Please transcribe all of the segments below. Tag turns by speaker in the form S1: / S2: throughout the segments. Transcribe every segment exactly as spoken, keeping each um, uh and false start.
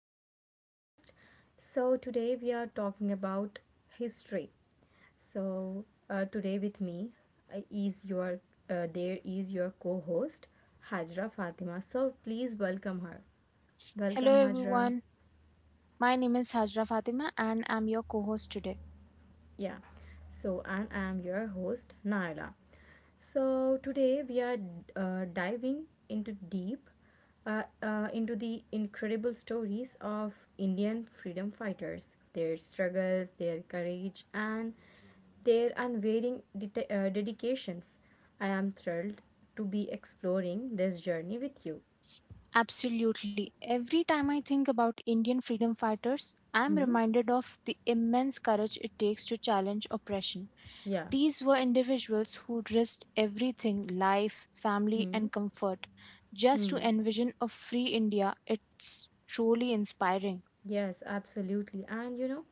S1: another podcast. So today we are talking about history. So uh, today with me uh, is your uh, there is your co-host Hajra Fatima. So please welcome her.
S2: Hello
S1: Welcome Hajra.
S2: everyone, my name is Hajra Fatima and I'm your co host today.
S1: Yeah, so and I'm your host Naila. So today we are uh, diving into deep uh, uh, into the incredible stories of Indian freedom fighters, their struggles, their courage, and their unwavering deta- uh, dedications. I am thrilled to be exploring this journey with you.
S2: Absolutely, every time I think about Indian freedom fighters, I'm
S1: Hmm?
S2: reminded of the immense courage it takes to challenge oppression.
S1: Yeah.
S2: These were individuals who risked everything life, family,
S1: Hmm?
S2: and comfort just to
S1: Hmm?
S2: envision a free India. It's truly inspiring.
S1: Yes, absolutely. And you know,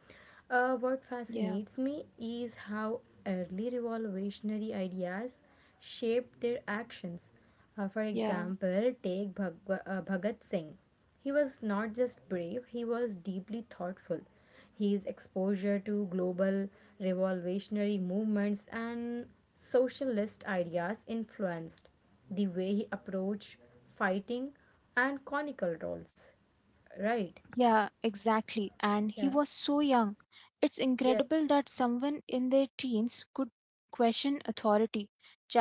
S1: uh, what
S2: Yeah,
S1: fascinates me is how early revolutionary ideas shaped their actions. Uh, for
S2: yeah.
S1: example, take Bhagwa- uh, Bhagat Singh. He was not just brave, he was deeply thoughtful. His exposure to global revolutionary movements and socialist ideas influenced the way he approached fighting and conical roles. Right?
S2: Yeah, exactly. And he
S1: Yeah.
S2: was so young. It's
S1: Yes.
S2: incredible that someone in their teens could question authority,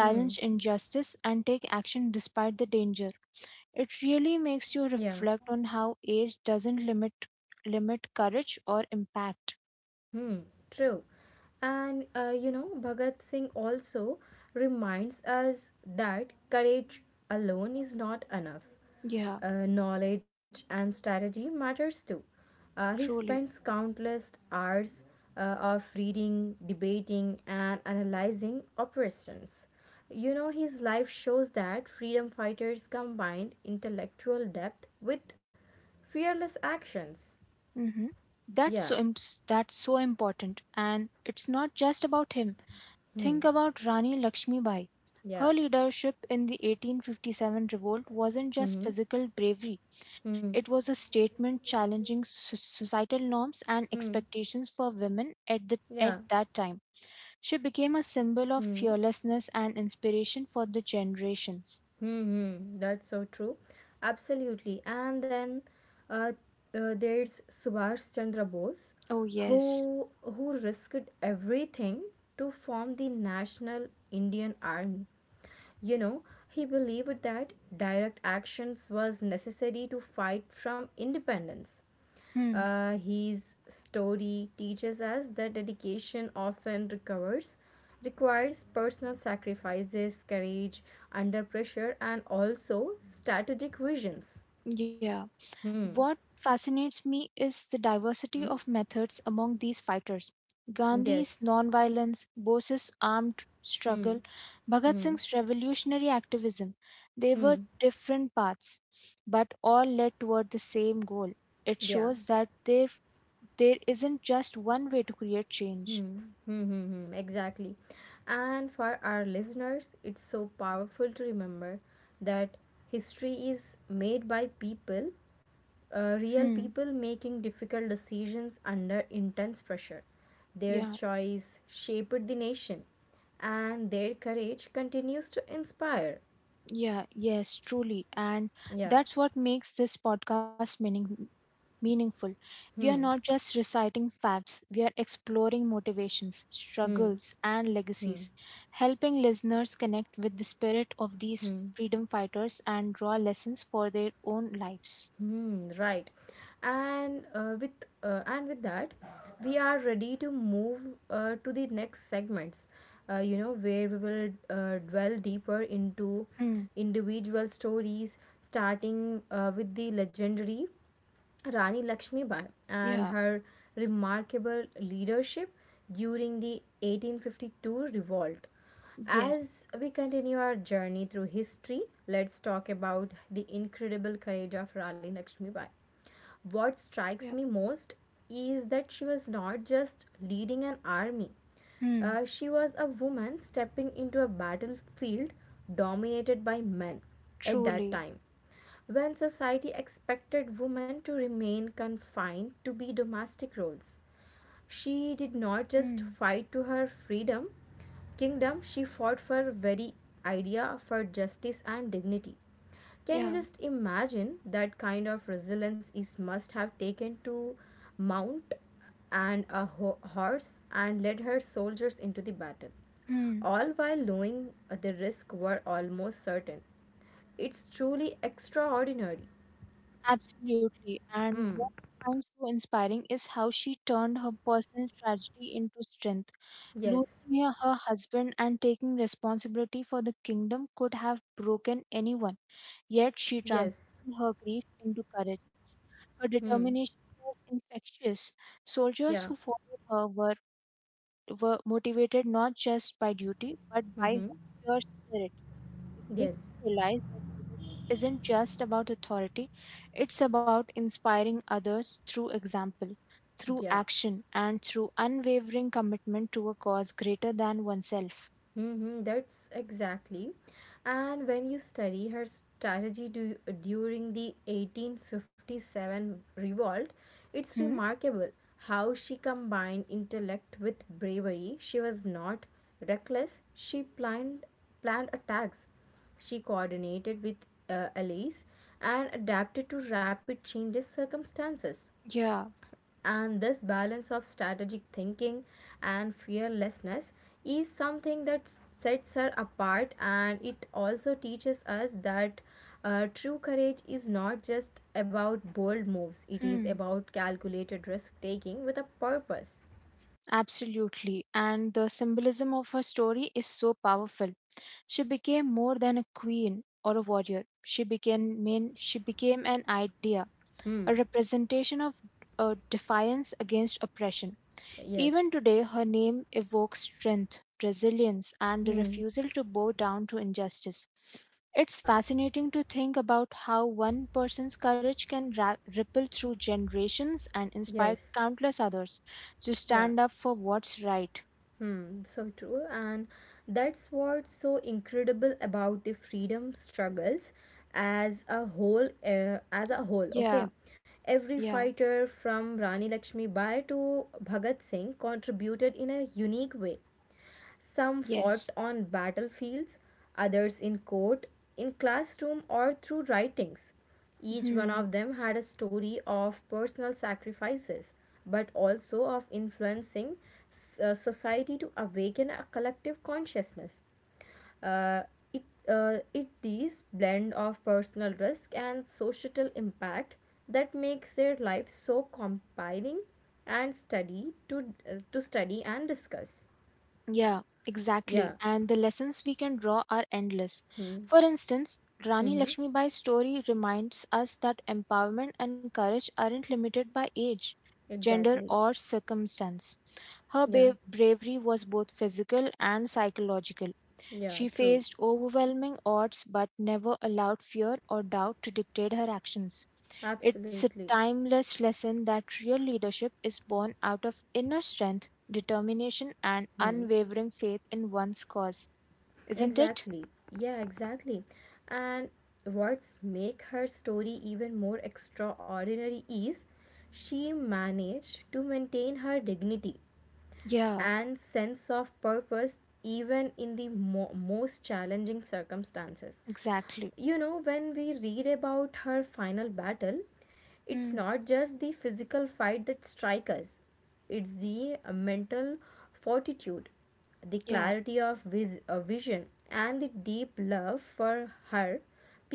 S1: Hmm.
S2: injustice, and take action despite the danger. It really makes you
S1: Yeah.
S2: reflect on how age doesn't limit limit courage or impact.
S1: Hmm. True. And uh, you know, Bhagat Singh also reminds us that courage alone is not enough.
S2: Yeah,
S1: Uh, knowledge and strategy matters too. Uh, he
S2: truly.
S1: spends countless hours uh, of reading, debating, and analyzing operations. You know, his life shows that freedom fighters combined intellectual depth with fearless actions.
S2: Mm-hmm. That's
S1: Yeah.
S2: so imp- that's so important, and it's not just about him.
S1: Hmm.
S2: Think about Rani Lakshmibai. Her
S1: Yeah.
S2: leadership in the eighteen fifty-seven revolt wasn't just
S1: Mm-hmm.
S2: physical bravery,
S1: Hmm.
S2: it was a statement challenging so- societal norms and
S1: Hmm.
S2: expectations for women at, the, at
S1: Yeah.
S2: that time. She became a symbol of
S1: Hmm.
S2: fearlessness and inspiration for the generations.
S1: hmm. That's so true. Absolutely. And then uh, uh, there's Subhash Chandra Bose,
S2: Oh, yes.
S1: who who risked everything to form the National Indian Army. You know, he believed that direct actions was necessary to fight from independence.
S2: Hmm.
S1: Uh, his story teaches us that dedication often recovers, requires personal sacrifices, courage, under pressure, and also strategic visions.
S2: Yeah.
S1: Hmm.
S2: What fascinates me is the
S1: Hmm.
S2: diversity of methods among these fighters. Gandhi's
S1: Yes.
S2: nonviolence, Bose's armed struggle,
S1: Hmm.
S2: Bhagat
S1: Hmm.
S2: Singh's revolutionary activism. They were
S1: Hmm.
S2: different paths, but all led toward the same goal. It
S1: Yeah.
S2: shows that there, there isn't just one way to create change.
S1: Hmm. Hmm. hmm. Exactly. And for our listeners, it's so powerful to remember that history is made by people, uh, real
S2: Hmm.
S1: people making difficult decisions under intense pressure. Their
S2: Yeah.
S1: choice shaped the nation, and their courage continues to inspire.
S2: Yeah, yes, truly. And
S1: Yeah.
S2: that's what makes this podcast meaning meaningful. We are not
S1: Hmm.
S2: just reciting facts, we are exploring motivations,
S1: Hmm.
S2: struggles, and legacies,
S1: Hmm.
S2: helping listeners connect with the spirit of these freedom fighters and draw lessons for their own lives.
S1: Mm-hmm, right. And uh, with uh, and with that, we are ready to move uh, to the next segments. Uh, you know where we will uh, dwell deeper into
S2: Hmm.
S1: individual stories, starting uh, with the legendary Rani Lakshmibai and
S2: Yeah.
S1: her remarkable leadership during the eighteen fifty-two revolt.
S2: Yes.
S1: As we continue our journey through history, let's talk about the incredible courage of Rani Lakshmibai. What
S2: Yeah.
S1: strikes me most is that she was not just leading an army,
S2: Hmm.
S1: uh, she was a woman stepping into a battlefield dominated by men at that
S2: Truly.
S1: time, when society expected women to remain confined to be domestic roles. She did not just
S2: Hmm.
S1: fight to her freedom, kingdom, she fought for very idea for justice and dignity. Can you
S2: Yeah.
S1: just imagine that kind of resilience is must have taken to mount and a ho- horse and led her soldiers into the battle,
S2: Hmm.
S1: all while knowing the risk were almost certain. It's truly extraordinary.
S2: Absolutely. And what
S1: Hmm.
S2: I find so inspiring is how she turned her personal tragedy into strength.
S1: Yes.
S2: Losing her her husband and taking responsibility for the kingdom could have broken anyone, yet she
S1: Yes.
S2: transformed her grief into courage. Her
S1: Hmm.
S2: determination was infectious. Soldiers who
S1: Yeah.
S2: followed her were, were motivated not just by duty, but by
S1: Mm-hmm.
S2: her sheer spirit. It makes
S1: Yes.
S2: you realize that leadership isn't just about authority, it's about inspiring others through example, through
S1: Yeah.
S2: action, and through unwavering commitment to a cause greater than oneself.
S1: Mm-hmm, that's exactly. And when you study her strategy du- during the eighteen fifty-seven revolt, it's
S2: Hmm?
S1: remarkable how she combined intellect with bravery. She was not reckless, she planned, planned attacks. She coordinated with uh, allies and adapted to rapid changes circumstances.
S2: Yeah,
S1: And this balance of strategic thinking and fearlessness is something that sets her apart, and it also teaches us that uh, true courage is not just about bold moves, it is
S2: hmm,
S1: about calculated risk taking with a purpose.
S2: absolutely. And the symbolism of her story is so powerful. She became more than a queen or a warrior. She became
S1: Yeah.
S2: main, she became an idea, a
S1: Hmm.
S2: representation of uh, defiance against oppression. Even
S1: Yes.
S2: today, her name evokes strength, resilience, and the
S1: Hmm.
S2: refusal to bow down to injustice. It's
S1: Yeah.
S2: fascinating to think about how one person's courage can ra- ripple through generations and inspire
S1: Yes.
S2: countless others to
S1: Yeah.
S2: stand up for what's right.
S1: Hmm, so true. And that's what's so incredible about the freedom struggles as a whole, uh, as a
S2: Yeah,
S1: whole, okay? Every
S2: yeah,
S1: fighter from Rani Lakshmi Bai to Bhagat Singh contributed in a unique way. Some
S2: yes.
S1: fought on battlefields, others in court, in classroom, or through writings. Each one
S2: Hmm.
S1: of them had a story of personal sacrifices, but also of influencing uh, society to awaken a collective consciousness. Uh, it, uh, it these blend of personal risk and societal impact that makes their lives so compelling and study to uh, to study and discuss.
S2: Yeah, exactly.
S1: Yeah.
S2: And the lessons we can draw are endless.
S1: Hmm.
S2: For instance, Rani
S1: Mm-hmm.
S2: Lakshmibai's story reminds us that empowerment and courage aren't limited by age, gender,
S1: Exactly.
S2: or circumstance. Her
S1: Yeah.
S2: ba- bravery was both physical and psychological.
S1: Yeah.
S2: She
S1: True.
S2: faced overwhelming odds but never allowed fear or doubt to dictate her actions. It's a
S1: Absolutely.
S2: timeless lesson that real leadership is born out of inner strength, determination, and
S1: Hmm.
S2: unwavering faith in one's cause, isn't it?
S1: Exactly. Yeah. Exactly. And what's make her story even more extraordinary is she managed to maintain her dignity
S2: Yeah,
S1: and sense of purpose even in the mo- most challenging circumstances.
S2: exactly.
S1: You know, when we read about her final battle, it's
S2: Hmm.
S1: not just the physical fight that strikes us, it's the uh, mental fortitude, the
S2: Yeah,
S1: clarity of vis- uh, vision, and the deep love for her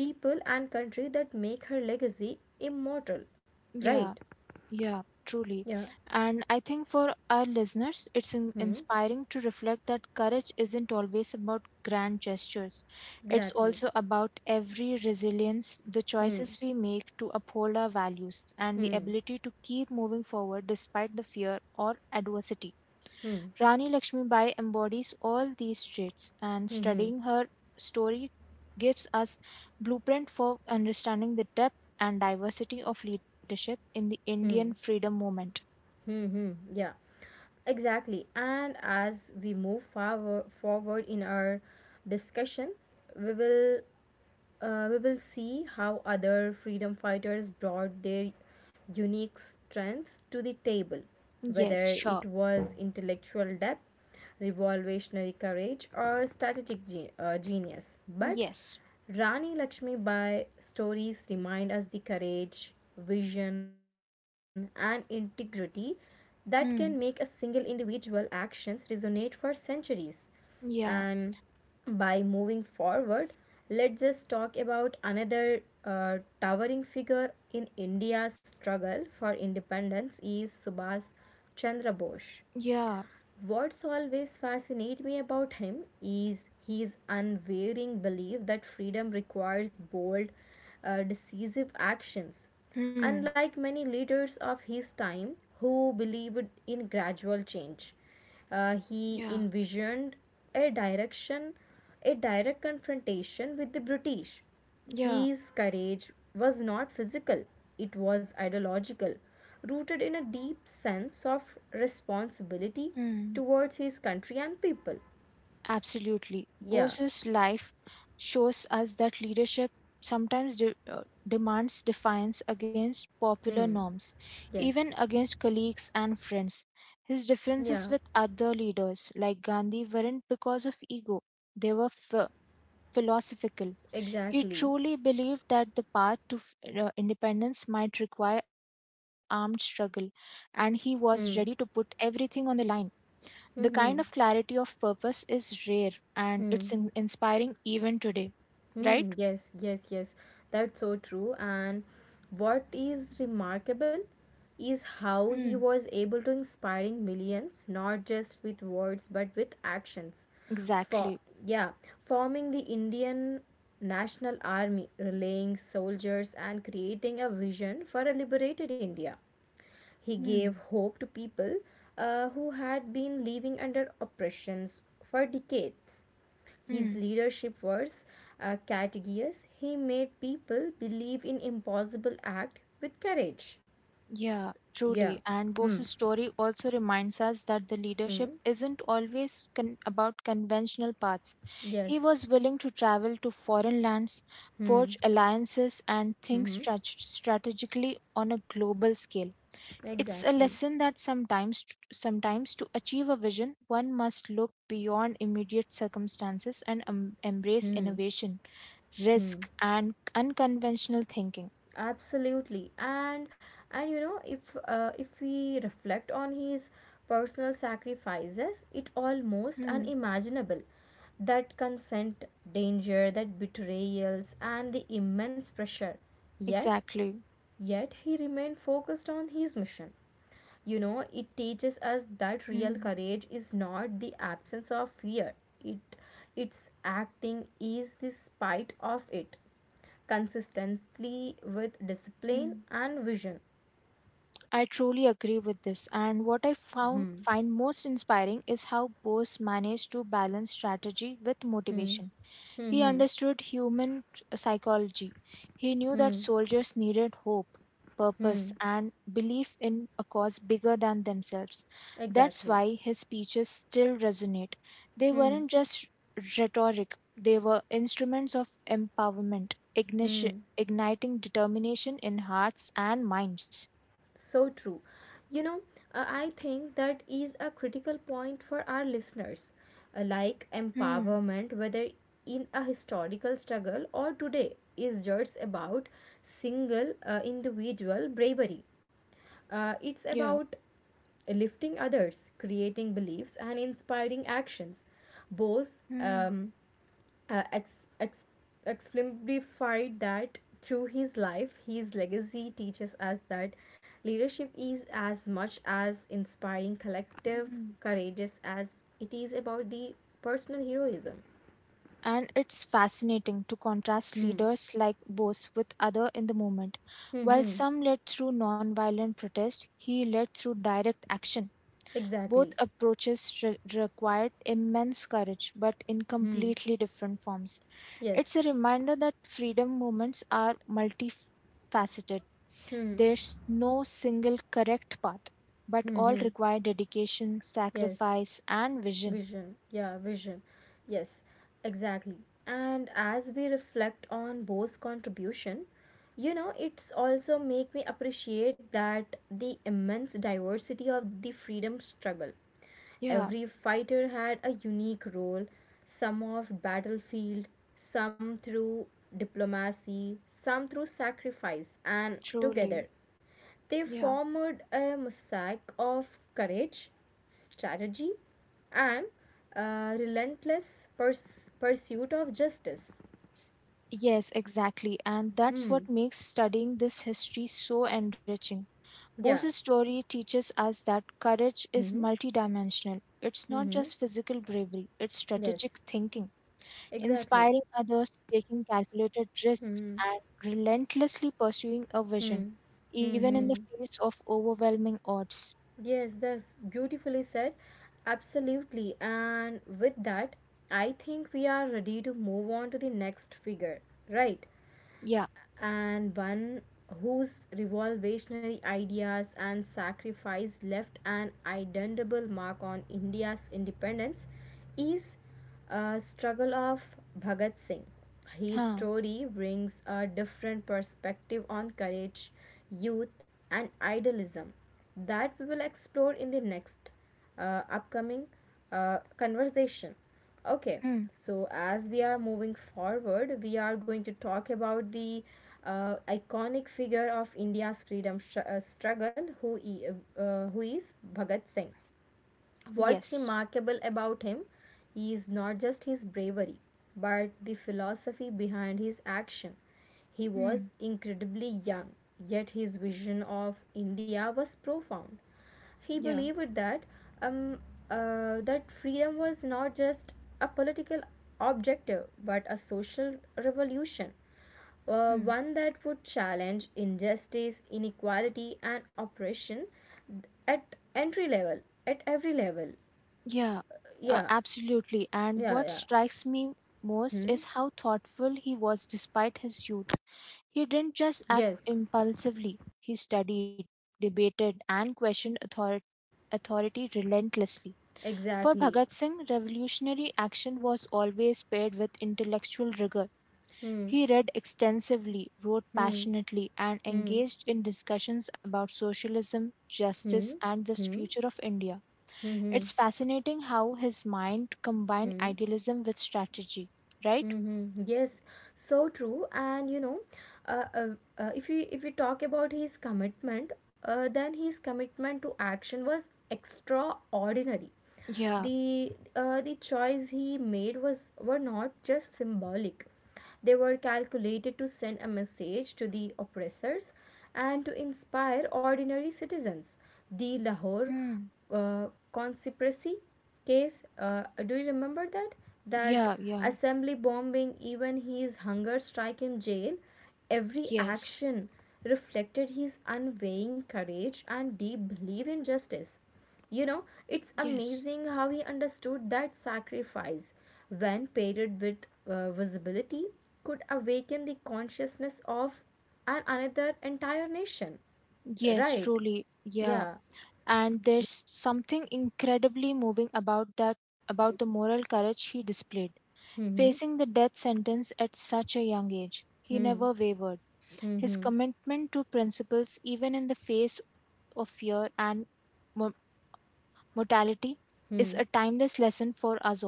S1: people and country that make her legacy immortal.
S2: yeah.
S1: Right?
S2: Yeah, truly.
S1: Yeah.
S2: And I think for our listeners, it's in
S1: Hmm.
S2: inspiring to reflect that courage isn't always about grand gestures. It's
S1: Exactly.
S2: also about every resilience, the
S1: Hmm.
S2: choices we make to uphold our values, and the
S1: Hmm.
S2: ability to keep moving forward despite the fear or adversity.
S1: Hmm.
S2: Rani Lakshmibai embodies all these traits, and
S1: Hmm. Hmm.
S2: studying her story gives us blueprint for understanding the depth and diversity of leadership in the
S1: Hmm.
S2: Indian freedom movement.
S1: Hmm. hmm. Yeah. Exactly. And as we move forward forward in our discussion, we will uh, we will see how other freedom fighters brought their unique strengths to the table, whether
S2: Yes,
S1: it
S2: sure.
S1: was intellectual depth, revolutionary courage, or strategic ge- uh, genius. But
S2: Yes.
S1: Rani Lakshmi Bai's stories remind us the courage, vision, and integrity that can make a single
S2: Hmm.
S1: individual actions resonate for centuries,
S2: Yeah.
S1: and by moving forward let's just talk about another uh, towering figure in india's struggle for independence is Subhas Chandra Bose.
S2: Yeah.
S1: What's always fascinates me about him is his unwavering belief that freedom requires bold, uh, decisive actions.
S2: Hmm.
S1: Unlike many leaders of his time who believed in gradual change, uh, he
S2: Yeah.
S1: envisioned a direction, a direct confrontation with the British.
S2: Yeah.
S1: His courage was not physical, it was ideological, rooted in a deep sense of responsibility
S2: Hmm.
S1: towards his country and people.
S2: Absolutely.
S1: Yeah,
S2: Bose's life shows us that leadership sometimes de- uh, demands defiance against popular
S1: hmm,
S2: norms,
S1: yes,
S2: even against colleagues and friends. His differences
S1: yeah,
S2: with other leaders like Gandhi weren't because of ego, they were ph- philosophical. He
S1: exactly.
S2: truly believed that the path to f- uh, independence might require armed struggle, and he was ready to put
S1: Hmm,
S2: everything on the line. The
S1: hmm,
S2: kind of
S1: hmm,
S2: clarity of purpose is rare and it's
S1: hmm.
S2: in- inspiring even today, right?
S1: Hmm, yes, yes, yes. That's so true. And what is remarkable is how
S2: Hmm,
S1: he was able to inspiring millions, not just with words but with actions. For
S2: exactly.
S1: yeah, Forming the Indian National Army, relaying soldiers and creating a vision for a liberated India.
S2: Hmm,
S1: He gave hope to people uh, who had been living under oppressions for decades. His
S2: hmm.
S1: leadership was uh, contagious. He made people believe in impossible act with courage.
S2: Yeah, truly.
S1: Yeah.
S2: And
S1: Hmm.
S2: Bose's story also reminds us that the leadership
S1: Hmm.
S2: isn't always con- about conventional paths. He
S1: Yes.
S2: was willing to travel to foreign lands,
S1: Hmm.
S2: forge alliances, and think
S1: Hmm.
S2: strat- strategically on a global scale. It's a
S1: Exactly.
S2: lesson that sometimes sometimes to achieve a vision, one must look beyond immediate circumstances and um, embrace
S1: Hmm.
S2: innovation,
S1: Hmm.
S2: risk, and unconventional thinking.
S1: Absolutely. And and you know if uh, if we reflect on his personal sacrifices, it almost
S2: Hmm,
S1: unimaginable that consent, danger, that betrayals and the immense pressure. Yet,
S2: exactly.
S1: Yet he remained focused on his mission. You know, it teaches us that real
S2: Hmm,
S1: courage is not the absence of fear. It its acting is the spite of it consistently with discipline
S2: hmm.
S1: and vision.
S2: I truly agree with this. And what I found
S1: Hmm.
S2: find most inspiring is how Bose managed to balance strategy with
S1: Hmm.
S2: motivation.
S1: Hmm.
S2: He
S1: Hmm.
S2: understood human psychology. He knew that
S1: Hmm.
S2: soldiers needed hope, purpose,
S1: Hmm.
S2: and belief in a cause bigger than themselves. That's
S1: Exactly.
S2: why his speeches still resonate. They
S1: Hmm.
S2: weren't just rhetoric, they were instruments of empowerment, ignition,
S1: Hmm.
S2: igniting determination in hearts and minds.
S1: So true. You know, uh, I think that is a critical point for our listeners. Uh, like
S2: Hmm,
S1: empowerment, whether in a historical struggle or today, is just about single uh, individual bravery. Uh, it's
S2: yeah.
S1: about lifting others, creating beliefs, and inspiring actions. Both
S2: Hmm.
S1: um, uh, ex- ex- exemplified that through his life. His legacy teaches us that leadership is as much as inspiring
S2: Hmm.
S1: collective courageous as it is about the personal heroism.
S2: And it's fascinating to contrast
S1: Hmm.
S2: leaders like Bose with other in the movement.
S1: Hmm.
S2: While
S1: hmm.
S2: some led through non-violent protest, he led through direct action. Both
S1: Exactly.
S2: approaches re- required immense courage, but in
S1: Hmm.
S2: completely different forms. It's
S1: Yes.
S2: a reminder that freedom movements are multifaceted.
S1: Hmm.
S2: There's no single correct path, but
S1: Hmm.
S2: all
S1: hmm.
S2: require dedication,
S1: Yes.
S2: sacrifice, and vision.
S1: Vision, yeah, vision. Yes, exactly. And as we reflect on Bose's contribution, you know, it's also make me appreciate that the immense diversity of the freedom struggle.
S2: Yeah,
S1: Every fighter had a unique role, some off battlefield, some through diplomacy, some through sacrifice, and
S2: truly.
S1: together. They
S2: Yeah.
S1: formed a mosaic of courage, strategy, and uh, relentless purs- pursuit of justice.
S2: Yes, exactly. And that's
S1: Hmm.
S2: what makes studying this history so enriching.
S1: Yeah.
S2: Bose's story teaches us that courage is
S1: Hmm.
S2: multidimensional. It's not
S1: Hmm.
S2: just physical bravery, it's
S1: Yes.
S2: strategic thinking,
S1: Exactly.
S2: inspiring others, taking calculated risks,
S1: Hmm.
S2: and relentlessly pursuing a vision,
S1: Hmm. Hmm.
S2: even in the
S1: Hmm.
S2: face of overwhelming odds.
S1: Yes, that's beautifully said. Absolutely. And with that, I think we are ready to move on to the next figure, right?
S2: Yeah.
S1: And one whose revolutionary ideas and sacrifice left an indelible mark on India's independence is a struggle of Bhagat Singh. His
S2: Huh.
S1: story brings a different perspective on courage, youth, and idealism that we will explore in the next uh, upcoming uh, conversation. Okay,
S2: Hmm.
S1: so, as we are moving forward, we are going to talk about the uh, iconic figure of India's freedom str- uh, struggle, who, e- uh, who is Bhagat Singh.
S2: Yes.
S1: What's remarkable about him is not just his bravery, but the philosophy behind his action. He
S2: Hmm.
S1: was incredibly young, yet his vision of India was profound. He
S2: Yeah.
S1: believed that um, uh, that freedom was not just a political objective, but a social revolution, uh,
S2: Hmm.
S1: one that would challenge injustice, inequality, and oppression at entry level, at every level.
S2: Yeah, uh,
S1: Yeah,
S2: absolutely. And
S1: yeah,
S2: what
S1: yeah.
S2: strikes me most
S1: Hmm.
S2: is how thoughtful he was despite his youth. He didn't just act
S1: Yes,
S2: impulsively, he studied, debated, and questioned author- authority relentlessly. For
S1: exactly.
S2: Bhagat Singh, revolutionary action was always paired with intellectual rigor.
S1: Hmm.
S2: He read extensively, wrote
S1: Hmm.
S2: passionately, and
S1: Hmm.
S2: engaged in discussions about socialism,
S1: Hmm.
S2: justice, and the
S1: Hmm. Hmm.
S2: future of India.
S1: Hmm.
S2: It's fascinating how his mind combined
S1: Hmm.
S2: idealism with strategy, right?
S1: Mm-hmm. Yes, so true. And you know, uh, uh, uh, if we if we talk about his commitment, uh, then his commitment to action was extraordinary.
S2: Yeah.
S1: The uh, the choice he made was were not just symbolic; they were calculated to send a message to the oppressors and to inspire ordinary citizens. The Lahore
S2: Mm.
S1: uh, conspiracy case, uh, do you remember that that
S2: Yeah, yeah.
S1: assembly bombing, even his hunger strike in jail, every
S2: Yes.
S1: action reflected his unwavering courage and deep belief in justice. You know, it's
S2: Yes.
S1: amazing how he understood that sacrifice when paired with uh, visibility could awaken the consciousness of an another entire nation,
S2: Yes,
S1: right?
S2: truly. Yeah.
S1: Yeah.
S2: And there's something incredibly moving about that about the moral courage he displayed.
S1: Mm-hmm.
S2: Facing the death sentence at such a young age, he never wavered. His
S1: Mm-hmm.
S2: commitment to principles even in the face of fear and mo- mortality is a
S1: Mm-hmm.
S2: timeless lesson for us all.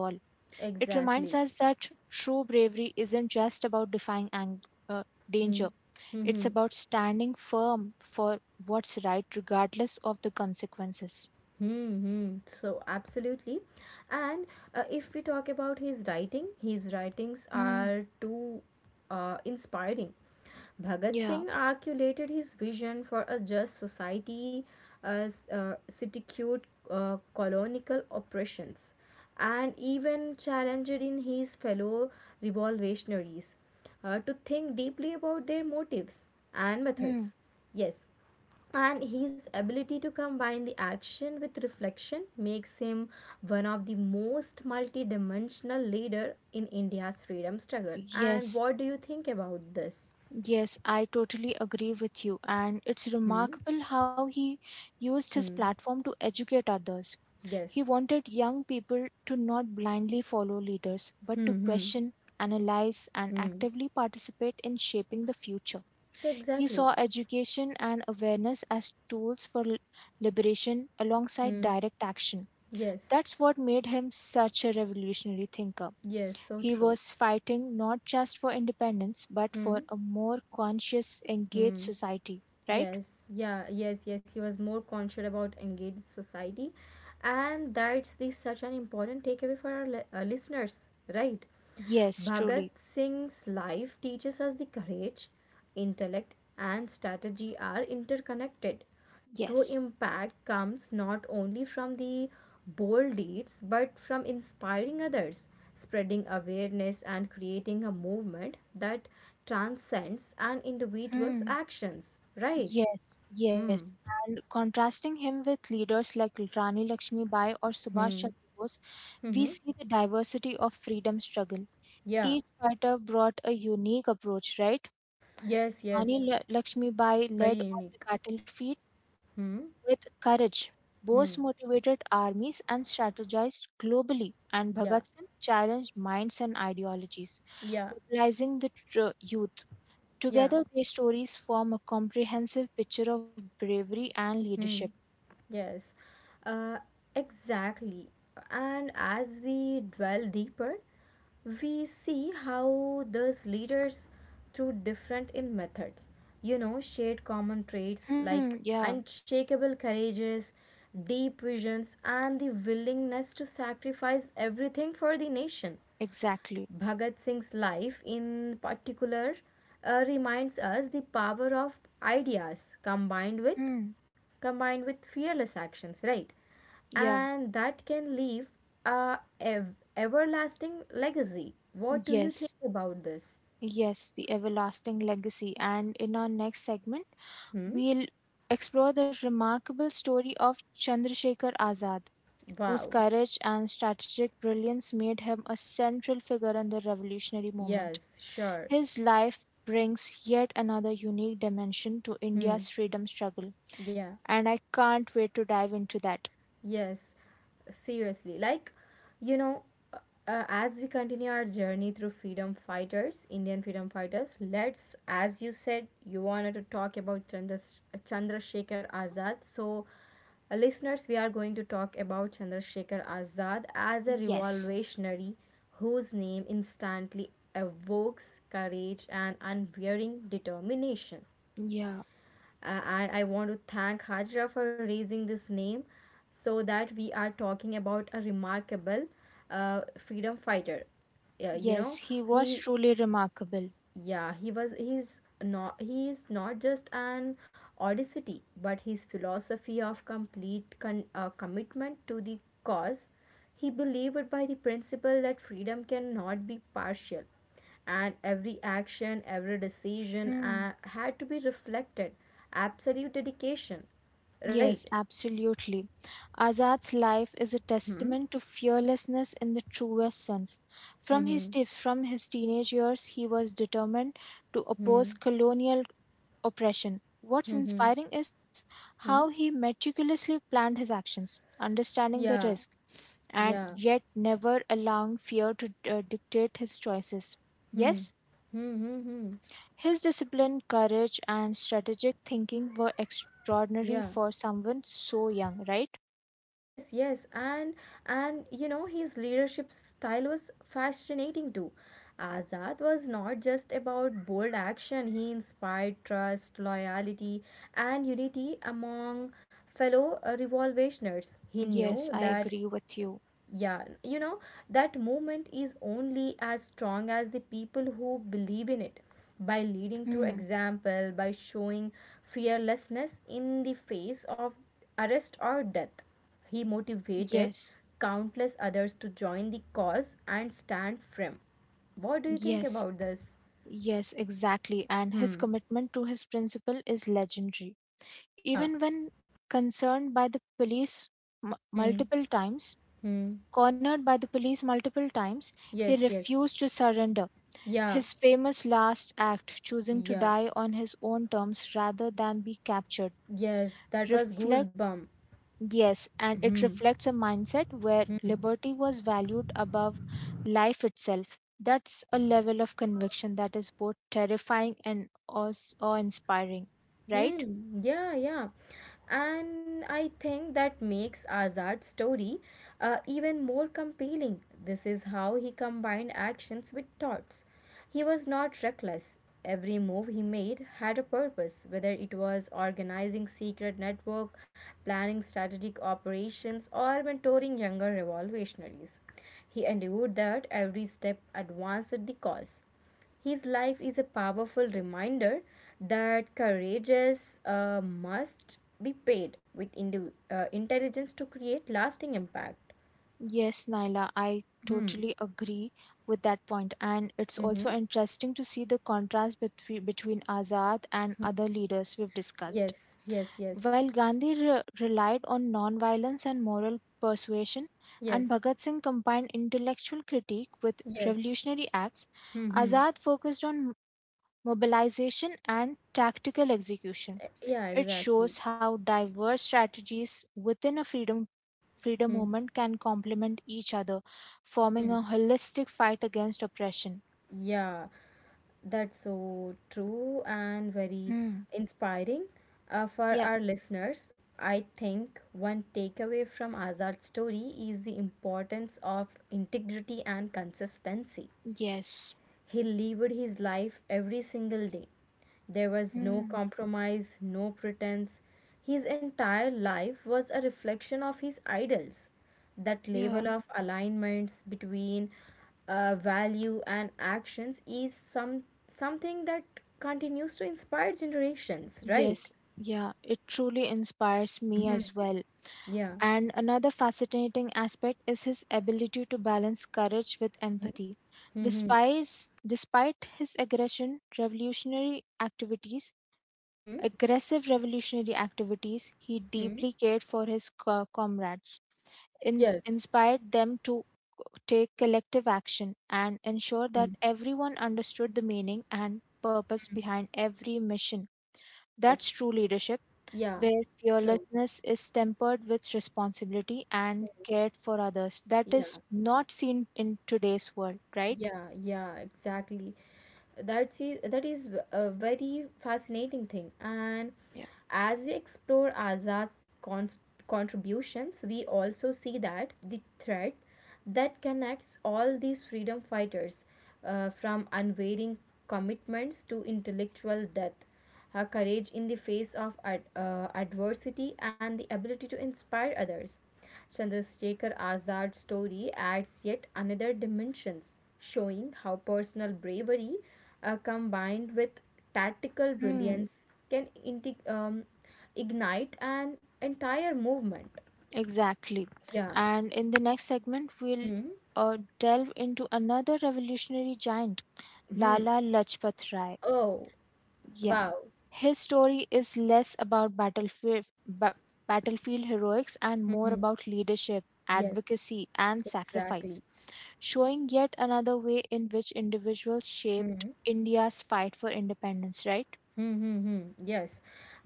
S2: It reminds
S1: Exactly.
S2: us that true bravery isn't just about defying ang- uh,
S1: Hmm.
S2: danger,
S1: Hmm. Hmm.
S2: it's about standing firm for what's right, regardless of the consequences.
S1: Hmm, hmm. So absolutely, and uh, if we talk about his writing, his writings
S2: Mm,
S1: are too uh, inspiring. Bhagat
S2: yeah.
S1: Singh articulated his vision for a just society as uh, cuticured uh, colonial oppressions, and even challenged in his fellow revolutionaries uh, to think deeply about their motives and
S2: Mm,
S1: methods. Yes, and his ability to combine the action with reflection makes him one of the most multi-dimensional leader in India's freedom struggle. And
S2: yes.
S1: what do you think about this?
S2: Yes, I totally agree with you. And it's
S1: Hmm.
S2: remarkable how he used his
S1: Hmm.
S2: platform to educate others. He
S1: Yes.
S2: wanted young people to not blindly follow leaders, but to
S1: Hmm. Hmm.
S2: question, analyze, and
S1: Hmm.
S2: actively participate in shaping the future. He saw
S1: Exactly.
S2: education and awareness as tools for li- liberation alongside
S1: Hmm.
S2: direct action.
S1: Yes.
S2: That's what made him such a revolutionary thinker.
S1: Yes, so
S2: He
S1: true.
S2: was fighting not just for independence, but for
S1: Hmm.
S2: a more conscious, engaged
S1: Hmm.
S2: society, right?
S1: Yes, yeah, yes, yes, he was more conscious about engaged society. And that's the such an important takeaway for our li- uh, listeners, right?
S2: Yes, truly.
S1: Bhagat Singh's life teaches us the courage, intellect, and strategy are interconnected. True
S2: Yes.
S1: impact comes not only from the bold deeds but from inspiring others, spreading awareness, and creating a movement that transcends an individual's
S2: Hmm.
S1: actions, right?
S2: Yes, yes.
S1: Hmm.
S2: And contrasting him with leaders like Rani Lakshmi Bai or Subhash
S1: Hmm.
S2: Chandra Bose, we
S1: Mm-hmm.
S2: see the diversity of freedom struggle.
S1: Yeah.
S2: Each fighter brought a unique approach, right?
S1: S- Yes, yes.
S2: Rani L- Lakshmibai
S1: Very
S2: led on the
S1: unique.
S2: battlefield
S1: Hmm.
S2: with courage. Bose
S1: Hmm.
S2: motivated armies and strategized globally, and
S1: Yeah.
S2: Bhagat Singh challenged minds and ideologies,
S1: Yeah.
S2: mobilizing the tr- youth.
S1: Yeah.
S2: Together, their stories form a comprehensive picture of bravery and leadership.
S1: Hmm. Yes. Uh, exactly. And as we dwell deeper, we see how those leaders through different in methods you know shared common traits
S2: Hmm,
S1: like
S2: yeah,
S1: unshakable courages, deep visions, and the willingness to sacrifice everything for the nation.
S2: exactly.
S1: Bhagat Singh's life in particular uh, reminds us the power of ideas combined with
S2: Hmm,
S1: combined with fearless actions, right?
S2: yeah,
S1: And that can leave a ev- everlasting legacy. What do you think
S2: yes,
S1: about this?
S2: yes, the everlasting legacy. And in our next segment,
S1: Hmm?
S2: we'll explore the remarkable story of Chandrasekhar Azad, whose
S1: Wow.
S2: courage and strategic brilliance made him a central figure in the revolutionary movement.
S1: Yes, sure.
S2: His life brings yet another unique dimension to
S1: Hmm.
S2: India's freedom struggle,
S1: Yeah.
S2: and I can't wait to dive into that.
S1: Yes, seriously. Like, you know, uh, as we continue our journey through freedom fighters, Indian freedom fighters, let's, as you said, you wanted to talk about Chandra, Chandrasekhar Azad. So, uh, listeners, we are going to talk about Chandrasekhar Azad as a
S2: Yes,
S1: revolutionary whose name instantly evokes courage and unwearying determination.
S2: yeah,
S1: Uh, and I want to thank Hajra for raising this name so that we are talking about a remarkable uh, freedom fighter. Yeah, you
S2: yes,
S1: know,
S2: he was
S1: he
S2: truly remarkable.
S1: yeah, he was he's not He is not just an audacity, but his philosophy of complete con- uh, commitment to the cause. He believed by the principle that freedom cannot be partial and every action, every decision
S2: Hmm.
S1: uh, had to be reflected. Absolute dedication, right?
S2: Yes, absolutely. Azad's life is a
S1: Hmm.
S2: testament to fearlessness in the truest sense. From his
S1: Hmm.
S2: te- from his teenage years, he was determined to oppose
S1: Hmm.
S2: colonial oppression. What's
S1: Hmm. Hmm.
S2: inspiring is how he
S1: Hmm.
S2: meticulously planned his actions, understanding the
S1: Yeah.
S2: risk, and
S1: Yeah.
S2: yet never allowing fear to uh, dictate his choices.
S1: Hmm.
S2: Yes,
S1: Hmm. Hmm. Hmm.
S2: his discipline, courage, and strategic thinking were extraordinary
S1: Yeah.
S2: for someone so young, right?
S1: Yes, yes, and and you know his leadership style was fascinating too. Azad was not just about bold action; he inspired trust, loyalty, and unity among fellow uh, revolutionaries. He knew
S2: Yes, I
S1: that,
S2: agree with you.
S1: yeah, you know, that movement is only as strong as the people who believe in it. By leading through
S2: Hmm.
S1: example, by showing fearlessness in the face of arrest or death, he
S2: Yes,
S1: motivated countless others to join the cause and stand firm. What do you think
S2: yes,
S1: about this?
S2: yes, exactly. And his
S1: Hmm.
S2: commitment to his principle is legendary.
S1: Yeah.
S2: Even when concerned by the police m-
S1: Hmm.
S2: multiple times,
S1: Hmm.
S2: cornered by the police multiple times, he
S1: Yes. Yes.
S2: refused to surrender.
S1: Yeah.
S2: His famous last act, choosing to
S1: Yeah.
S2: die on his own terms rather than be captured,
S1: Yes. That was
S2: reflects.
S1: goosebump.
S2: Yes, and it
S1: Hmm.
S2: reflects a mindset where
S1: Hmm.
S2: liberty was valued above life itself. That's a level of conviction that is both terrifying and aus- awe-inspiring, right?
S1: Hmm, yeah, yeah. And I think that makes Azad's story uh, even more compelling. This is how he combined actions with thoughts. He was not reckless. Every move he made had a purpose, whether it was organizing secret network, planning strategic operations, or mentoring younger revolutionaries. He endured that every step advanced the cause. His life is a powerful reminder that courageous uh, must be paid with indi- uh, intelligence to create lasting impact.
S2: Yes, Naila, I
S1: Hmm.
S2: totally agree with that point. And it's
S1: Mm-hmm.
S2: also interesting to see the contrast between between Azad and other leaders we've discussed.
S1: Yes, yes, yes,
S2: While Gandhi re- relied on nonviolence and moral persuasion, and
S1: yes,
S2: Bhagat Singh combined intellectual critique with
S1: yes.
S2: revolutionary acts,
S1: Mm-hmm.
S2: Azad focused on mobilization and tactical execution.
S1: Yeah,
S2: It
S1: exactly.
S2: shows how diverse strategies within a freedom freedom
S1: Hmm.
S2: movement can complement each other, forming
S1: Hmm.
S2: a holistic fight against oppression.
S1: Yeah. That's so true and very
S2: Hmm.
S1: inspiring uh, for
S2: Yeah.
S1: our listeners. I think one takeaway from Azad's story is the importance of integrity and consistency.
S2: Yes.
S1: He lived his life every single day. There was no
S2: Hmm.
S1: compromise, no pretense. His entire life was a reflection of his idols. That
S2: Yeah.
S1: level of alignments between uh, value and actions is some something that continues to inspire generations, right?
S2: Yes. Yeah. It truly inspires me
S1: Hmm.
S2: as well.
S1: Yeah.
S2: And another fascinating aspect is his ability to balance courage with empathy.
S1: Mm-hmm.
S2: Despite, despite his aggression, revolutionary activities,
S1: Hmm.
S2: aggressive revolutionary activities, he
S1: Hmm.
S2: deeply cared for his co- comrades, ins-
S1: Yes.
S2: inspired them to take collective action, and ensure that
S1: Hmm.
S2: everyone understood the meaning and purpose behind every mission. That's
S1: Yes.
S2: true leadership
S1: Yeah.
S2: where
S1: True.
S2: fearlessness is tempered with responsibility and cared for others. That
S1: Yeah.
S2: is not seen in today's world, right?
S1: Yeah, yeah, exactly. That's it, that is a very fascinating thing. And
S2: Yeah.
S1: as we explore Azad's con- contributions, we also see that the thread that connects all these freedom fighters, uh, from unwavering commitments to intellectual death, her courage in the face of ad- uh, adversity, and the ability to inspire others. Chandrasekhar Azad's story adds yet another dimensions, showing how personal bravery uh, combined with tactical
S2: Hmm,
S1: brilliance can integ- um, ignite an entire movement.
S2: exactly.
S1: Yeah.
S2: And in the next segment, we'll
S1: Hmm.
S2: uh, delve into another revolutionary giant,
S1: Hmm.
S2: Lala Lajpat Rai.
S1: Oh,
S2: Yeah,
S1: wow.
S2: his story is less about battlefield ba- battlefield heroics and more about leadership,
S1: Yes,
S2: advocacy, and sacrifice.
S1: exactly.
S2: Showing yet another way in which individuals shaped
S1: Hmm.
S2: India's fight for independence, right?
S1: Mm-hmm. Yes.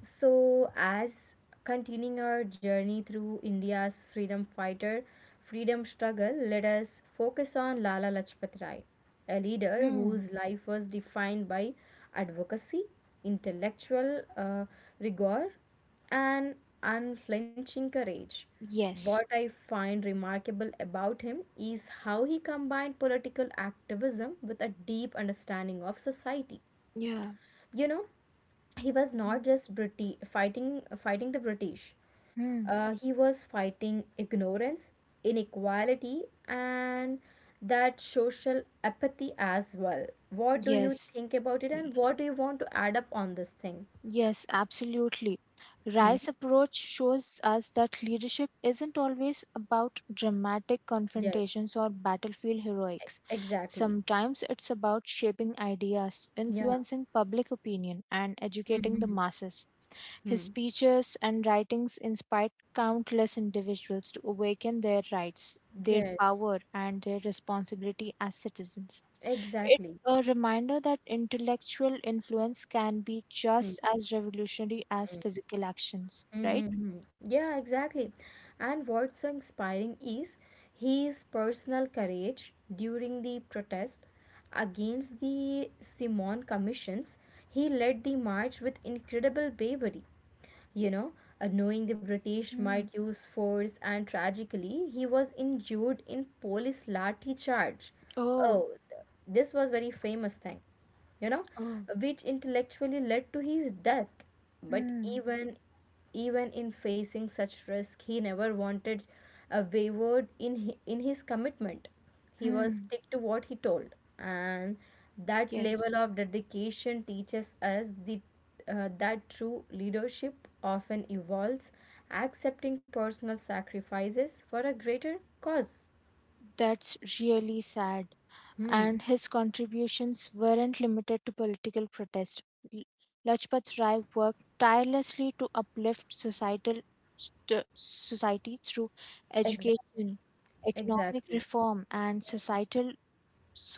S1: So, as continuing our journey through India's freedom fighter, freedom struggle, let us focus on Lala Lajpat Rai, a leader
S2: Hmm.
S1: whose life was defined by advocacy, intellectual uh, rigor, and unflinching courage. What
S2: Yes.
S1: I find remarkable about him is how he combined political activism with a deep understanding of society.
S2: Yeah.
S1: You know, he was not just Briti- fighting fighting the British.
S2: Hmm.
S1: Uh, he was fighting ignorance, inequality, and that social apathy as well. What do you
S2: Yes.
S1: think about it, and
S2: Y-
S1: what do you want to add up on this thing?
S2: Yes, absolutely.
S1: Hmm?
S2: Rice approach shows us that leadership isn't always about dramatic
S1: Yes,
S2: confrontations or battlefield heroics.
S1: exactly.
S2: Sometimes it's about shaping ideas,
S1: Yeah.
S2: influencing public opinion, and
S1: Hmm.
S2: educating the
S1: Hmm,
S2: masses. His
S1: hmm.
S2: speeches and writings inspired countless individuals to awaken their rights, their
S1: Yes,
S2: power, and their responsibility as citizens. It's
S1: exactly.
S2: a reminder that intellectual influence can be
S1: Hmm.
S2: just as revolutionary as physical actions, right?
S1: Mm-hmm. Yeah, exactly. And what's so inspiring is his personal courage during the protest against the Simon commissions. He led the march with incredible bravery. You know, uh, knowing the British might
S2: Mm.
S1: use force, and tragically, he was injured in police lathi charge.
S2: Oh,
S1: Oh, th- this was very famous thing, you know,
S2: oh,
S1: which intellectually led to his death. But
S2: hmm,
S1: even even in facing such risk, he never wanted a wavered in hi- in his commitment. He was
S2: hmm.
S1: stick to what he told, and that
S2: Yes,
S1: level of dedication teaches us the uh, that true leadership often involves accepting personal sacrifices for a greater cause.
S2: that's really sad.
S1: Hmm.
S2: And his contributions weren't limited to political protest. L- Lajpat Rai worked tirelessly to uplift societal st- society through
S1: Exactly.
S2: education, economic
S1: Exactly.
S2: reform, and societal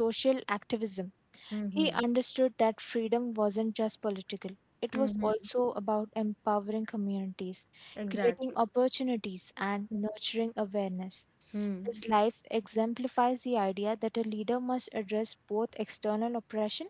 S2: social activism.
S1: Hmm.
S2: He
S1: Hmm.
S2: understood that freedom wasn't just political. It
S1: Hmm.
S2: was
S1: Hmm.
S2: also about empowering communities, creating
S1: Exactly.
S2: opportunities, and nurturing awareness.
S1: Hmm.
S2: His life exemplifies the idea that a leader must address both external oppression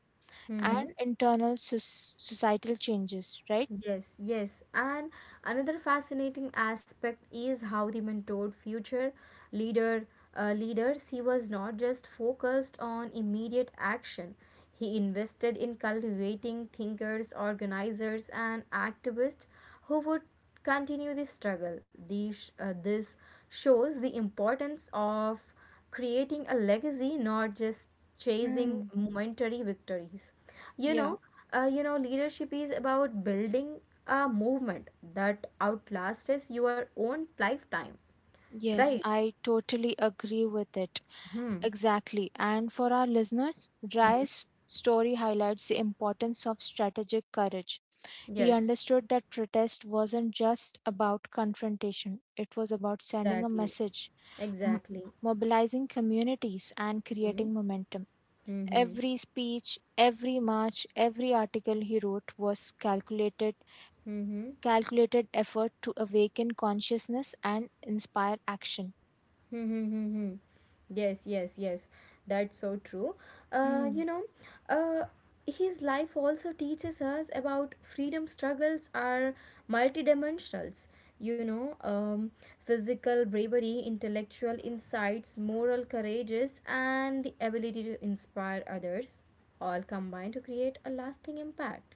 S1: Hmm. Hmm.
S2: and internal soc- societal changes, right?
S1: Yes, yes. And another fascinating aspect is how the mentored future leader, uh, leaders, he was not just focused on immediate action. He invested in cultivating thinkers, organizers and activists who would continue the struggle. These, uh, this shows the importance of creating a legacy, not just chasing
S2: Hmm.
S1: momentary victories. You
S2: Yeah.
S1: know, uh, you know, leadership is about building a movement that outlasts your own lifetime,
S2: Yes,
S1: right?
S2: I totally agree with it.
S1: Hmm.
S2: Exactly. And for our listeners, Rai's story highlights the importance of strategic courage. He
S1: Yes.
S2: understood that protest wasn't just about confrontation, it was about sending a
S1: Exactly.
S2: message, m-
S1: Exactly.
S2: mobilizing communities, and
S1: Hmm.
S2: creating momentum.
S1: Hmm. Hmm.
S2: Every speech, every march, every article he wrote was calculated
S1: Hmm.
S2: calculated effort to awaken consciousness and inspire action.
S1: Hmm, hmm, hmm, hmm. Yes, yes, yes. That's so true. Uh,
S2: Hmm.
S1: you know, uh, his life also teaches us about freedom struggles are multidimensionals. You know, um, physical bravery, intellectual insights, moral courageous, and the ability to inspire others all combine to create a lasting impact,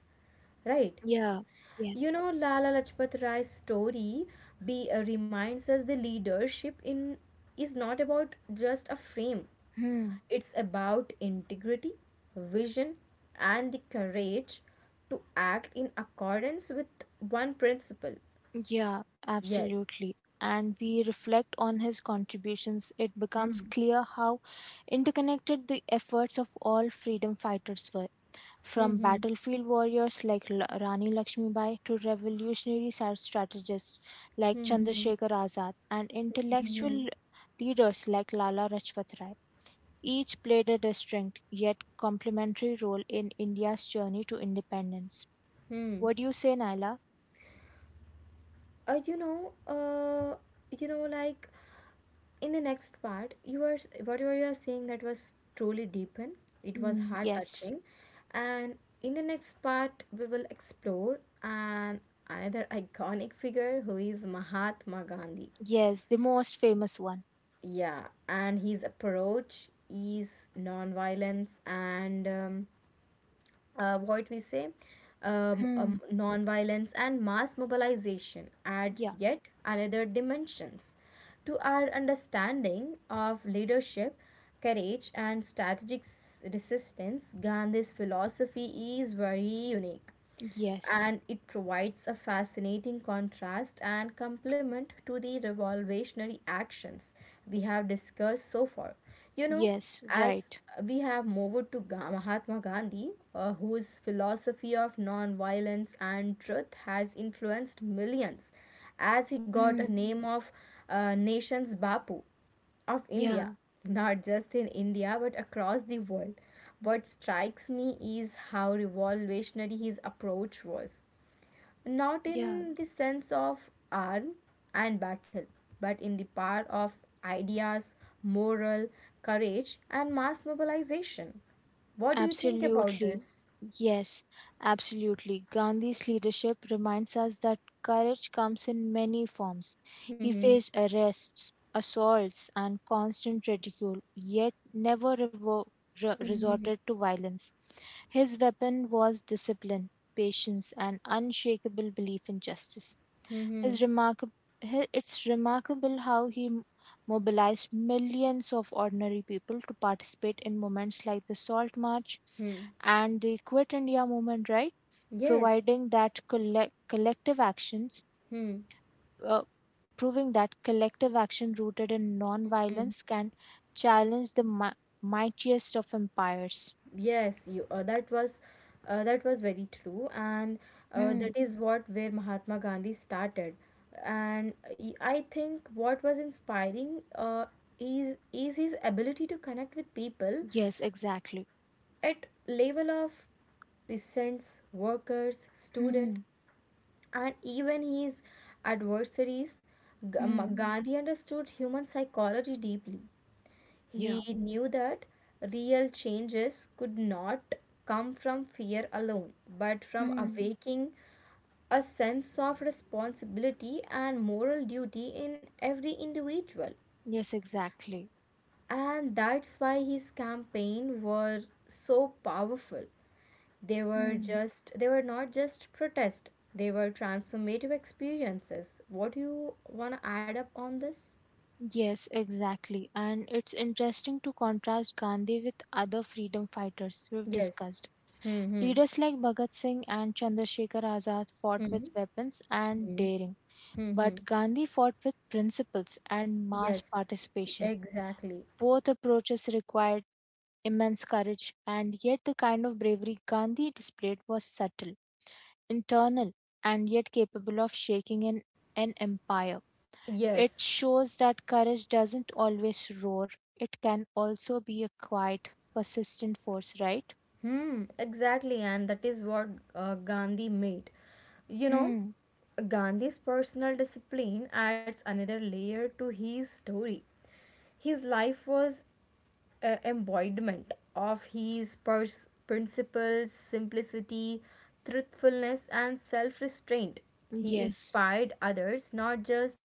S1: right?
S2: Yeah. Yes.
S1: You know, Lala Lajpat Rai's story be, uh, reminds us the leadership in is not about just a frame.
S2: Hmm.
S1: It's about integrity, vision, and the courage to act in accordance with one principle.
S2: Yeah,
S1: Yes.
S2: absolutely. And we reflect on his contributions, it
S1: Hmm.
S2: becomes clear how interconnected the efforts of all freedom fighters were.
S1: Hmm.
S2: From
S1: Hmm.
S2: battlefield warriors like L- Rani Lakshmibai to revolutionary sar- strategists like
S1: Hmm.
S2: Chandrasekhar Azad and
S1: Hmm. Hmm.
S2: intellectual leaders like Lala Rajpat Rai, each played a distinct yet complementary role in India's journey to independence.
S1: Hmm.
S2: What do you say, Naila?
S1: uh, you know uh, you know like in the next part, you are whatever you are saying that was truly deepened, it was
S2: Mm,
S1: heart
S2: yes,
S1: touching. And in the next part we will explore an another iconic figure who is Mahatma Gandhi.
S2: yes, the most famous one.
S1: Yeah, and his approach is non-violence and um, uh, what we say um,
S2: Hmm.
S1: um, non-violence and mass mobilization adds
S2: Yeah.
S1: yet another dimensions to our understanding of leadership, courage, and strategic s- resistance. Gandhi's philosophy is very unique,
S2: Yes.
S1: and it provides a fascinating contrast and complement to the revolutionary actions we have discussed so far. You know,
S2: Yes.
S1: as
S2: Right.
S1: we have moved to Ga- Mahatma Gandhi, uh, whose philosophy of non-violence and truth has influenced millions, as he got a
S2: Hmm.
S1: name of uh, nation's Bapu of India,
S2: Yeah.
S1: not just in India but across the world. What strikes me is how revolutionary his approach was. Not
S2: Yeah.
S1: in the sense of arm and battle, but in the power of ideas, moral, courage, and mass mobilization. What do you think about
S2: Absolutely.
S1: this?
S2: Yes, absolutely. Gandhi's leadership reminds us that courage comes in many forms. He
S1: Hmm,
S2: faced arrests, assaults, and constant ridicule, yet never revo- re- resorted to violence. His weapon was discipline, patience, and unshakable belief in justice.
S1: hmm, hmm,
S2: His remarkable, it's remarkable how he m- mobilized millions of ordinary people to participate in moments like the Salt March
S1: hmm.
S2: and the Quit India movement, right?
S1: Yes.
S2: Providing that collect, collective actions,
S1: Hmm.
S2: uh, proving that collective action rooted in non-violence can challenge the mi- mightiest of empires.
S1: Yes, you uh, that was uh, that was very true, and uh,
S2: Hmm.
S1: that is what where Mahatma Gandhi started. And y- I think what was inspiring uh, is is his ability to connect with people
S2: Yes, exactly.
S1: at level of peasants, workers, student,
S2: Hmm.
S1: and even his adversaries. G- Ma-
S2: Hmm.
S1: Gandhi understood human psychology deeply.
S2: Yeah.
S1: He knew that real changes could not come from fear alone, but from
S2: Hmm.
S1: awaking a sense of responsibility and moral duty in every individual.
S2: Yes, exactly.
S1: And that's why his campaign were so powerful. They were
S2: Hmm.
S1: just they were not just protest, they were transformative experiences. What do you wanna add up on this?
S2: Yes, exactly. And it's interesting to contrast Gandhi with other freedom fighters we've
S1: Yes.
S2: discussed.
S1: Hmm. Hmm.
S2: Leaders like Bhagat Singh and Chandrasekhar Azad fought
S1: Hmm.
S2: with weapons and
S1: Hmm.
S2: daring,
S1: Hmm.
S2: but Gandhi fought with principles and mass
S1: Yes, e,
S2: participation.
S1: exactly.
S2: Both approaches required immense courage, and yet the kind of bravery Gandhi displayed was subtle, internal, and yet capable of shaking an, an empire.
S1: Yes.
S2: It shows that courage doesn't always roar. It can also be a quiet, persistent force, right?
S1: Hmm, exactly, and that is what uh, Gandhi made. You know,
S2: Hmm.
S1: Gandhi's personal discipline adds another layer to his story. His life was uh, embodiment of his pers- principles, simplicity, truthfulness, and self restraint. He
S2: Yes.
S1: inspired others not just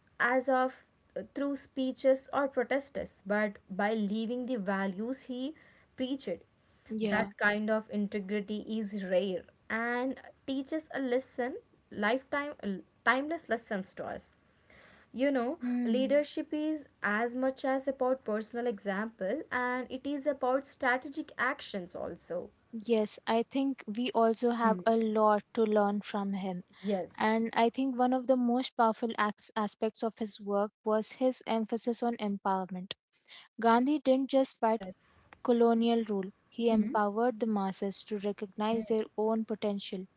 S1: as of uh, through speeches or protests, but by living the values he preached.
S2: Yeah.
S1: That kind of integrity is rare and teaches a lesson, lifetime, timeless lessons to us. You know,
S2: Hmm.
S1: leadership is as much as about personal example and it is about strategic actions also.
S2: Yes, I think we also have
S1: Hmm.
S2: a lot to learn from him.
S1: Yes.
S2: And I think one of the most powerful acts, aspects of his work was his emphasis on empowerment. Gandhi didn't just fight
S1: Yes.
S2: colonial rule, he
S1: Hmm.
S2: empowered the masses to recognize their own potential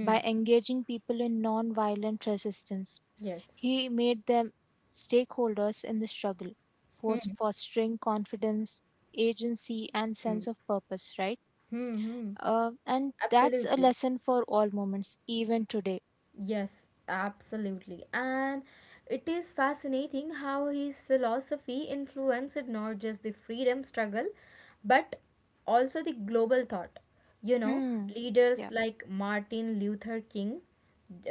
S2: by engaging people in non violent resistance.
S1: Yes.
S2: He made them stakeholders in the struggle, fos-
S1: Hmm.
S2: fostering confidence, agency, and
S1: Hmm.
S2: sense of purpose, right?
S1: Hmm. Hmm.
S2: Uh, and that's a
S1: Absolutely.
S2: lesson for all moments, even today.
S1: Yes, absolutely. And it is fascinating how his philosophy influenced not just the freedom struggle, but also the global thought. You know,
S2: Hmm. Yeah.
S1: leaders like Martin Luther King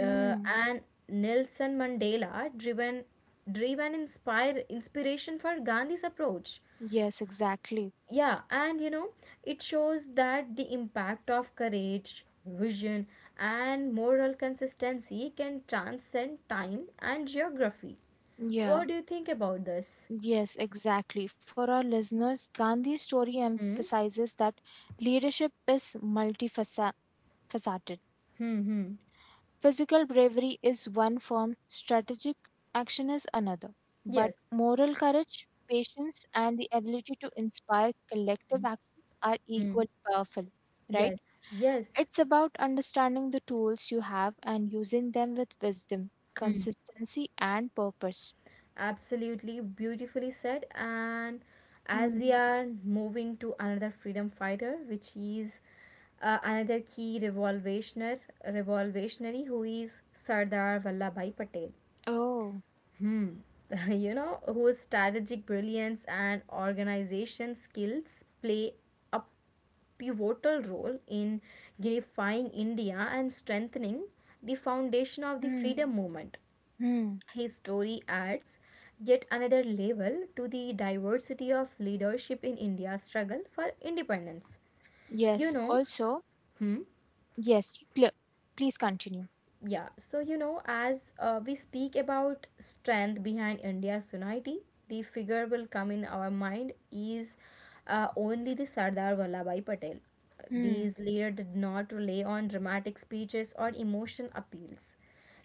S1: uh, and Nelson Mandela driven driven inspire inspiration for Gandhi's approach.
S2: Yes, exactly.
S1: Yeah, and you know, it shows that the impact of courage, vision, and moral consistency can transcend time and geography.
S2: Yeah.
S1: What do you think about this?
S2: Yes, exactly. For our listeners, Gandhi's story
S1: Hmm?
S2: emphasizes that leadership is multifaceted.
S1: Hmm, hmm.
S2: Physical bravery is one form, strategic action is another. But
S1: Yes.
S2: moral courage, patience, and the ability to inspire collective actions are
S1: Hmm.
S2: equally powerful, right?
S1: Yes. Yes.
S2: It's about understanding the tools you have and using them with wisdom,
S1: Hmm.
S2: consistency, and purpose.
S1: Absolutely beautifully said. And as
S2: Hmm.
S1: we are moving to another freedom fighter, which is uh, another key revolutionary, revolutionary who is Sardar Vallabhai Patel.
S2: Oh.
S1: Hmm. you know, whose strategic brilliance and organization skills play a pivotal role in unifying India and strengthening the foundation of the
S2: Hmm.
S1: freedom movement.
S2: Hmm.
S1: His story adds yet another level to the diversity of leadership in India's struggle for independence. You
S2: Yes.
S1: know,
S2: Also,
S1: hmm,
S2: yes. pl- Please continue.
S1: yeah, so you know, as uh, we speak about strength behind India's unity, the figure will come in our mind is uh, only the Sardar Vallabhai Patel.
S2: Hmm.
S1: These leader did not rely on dramatic speeches or emotion appeals.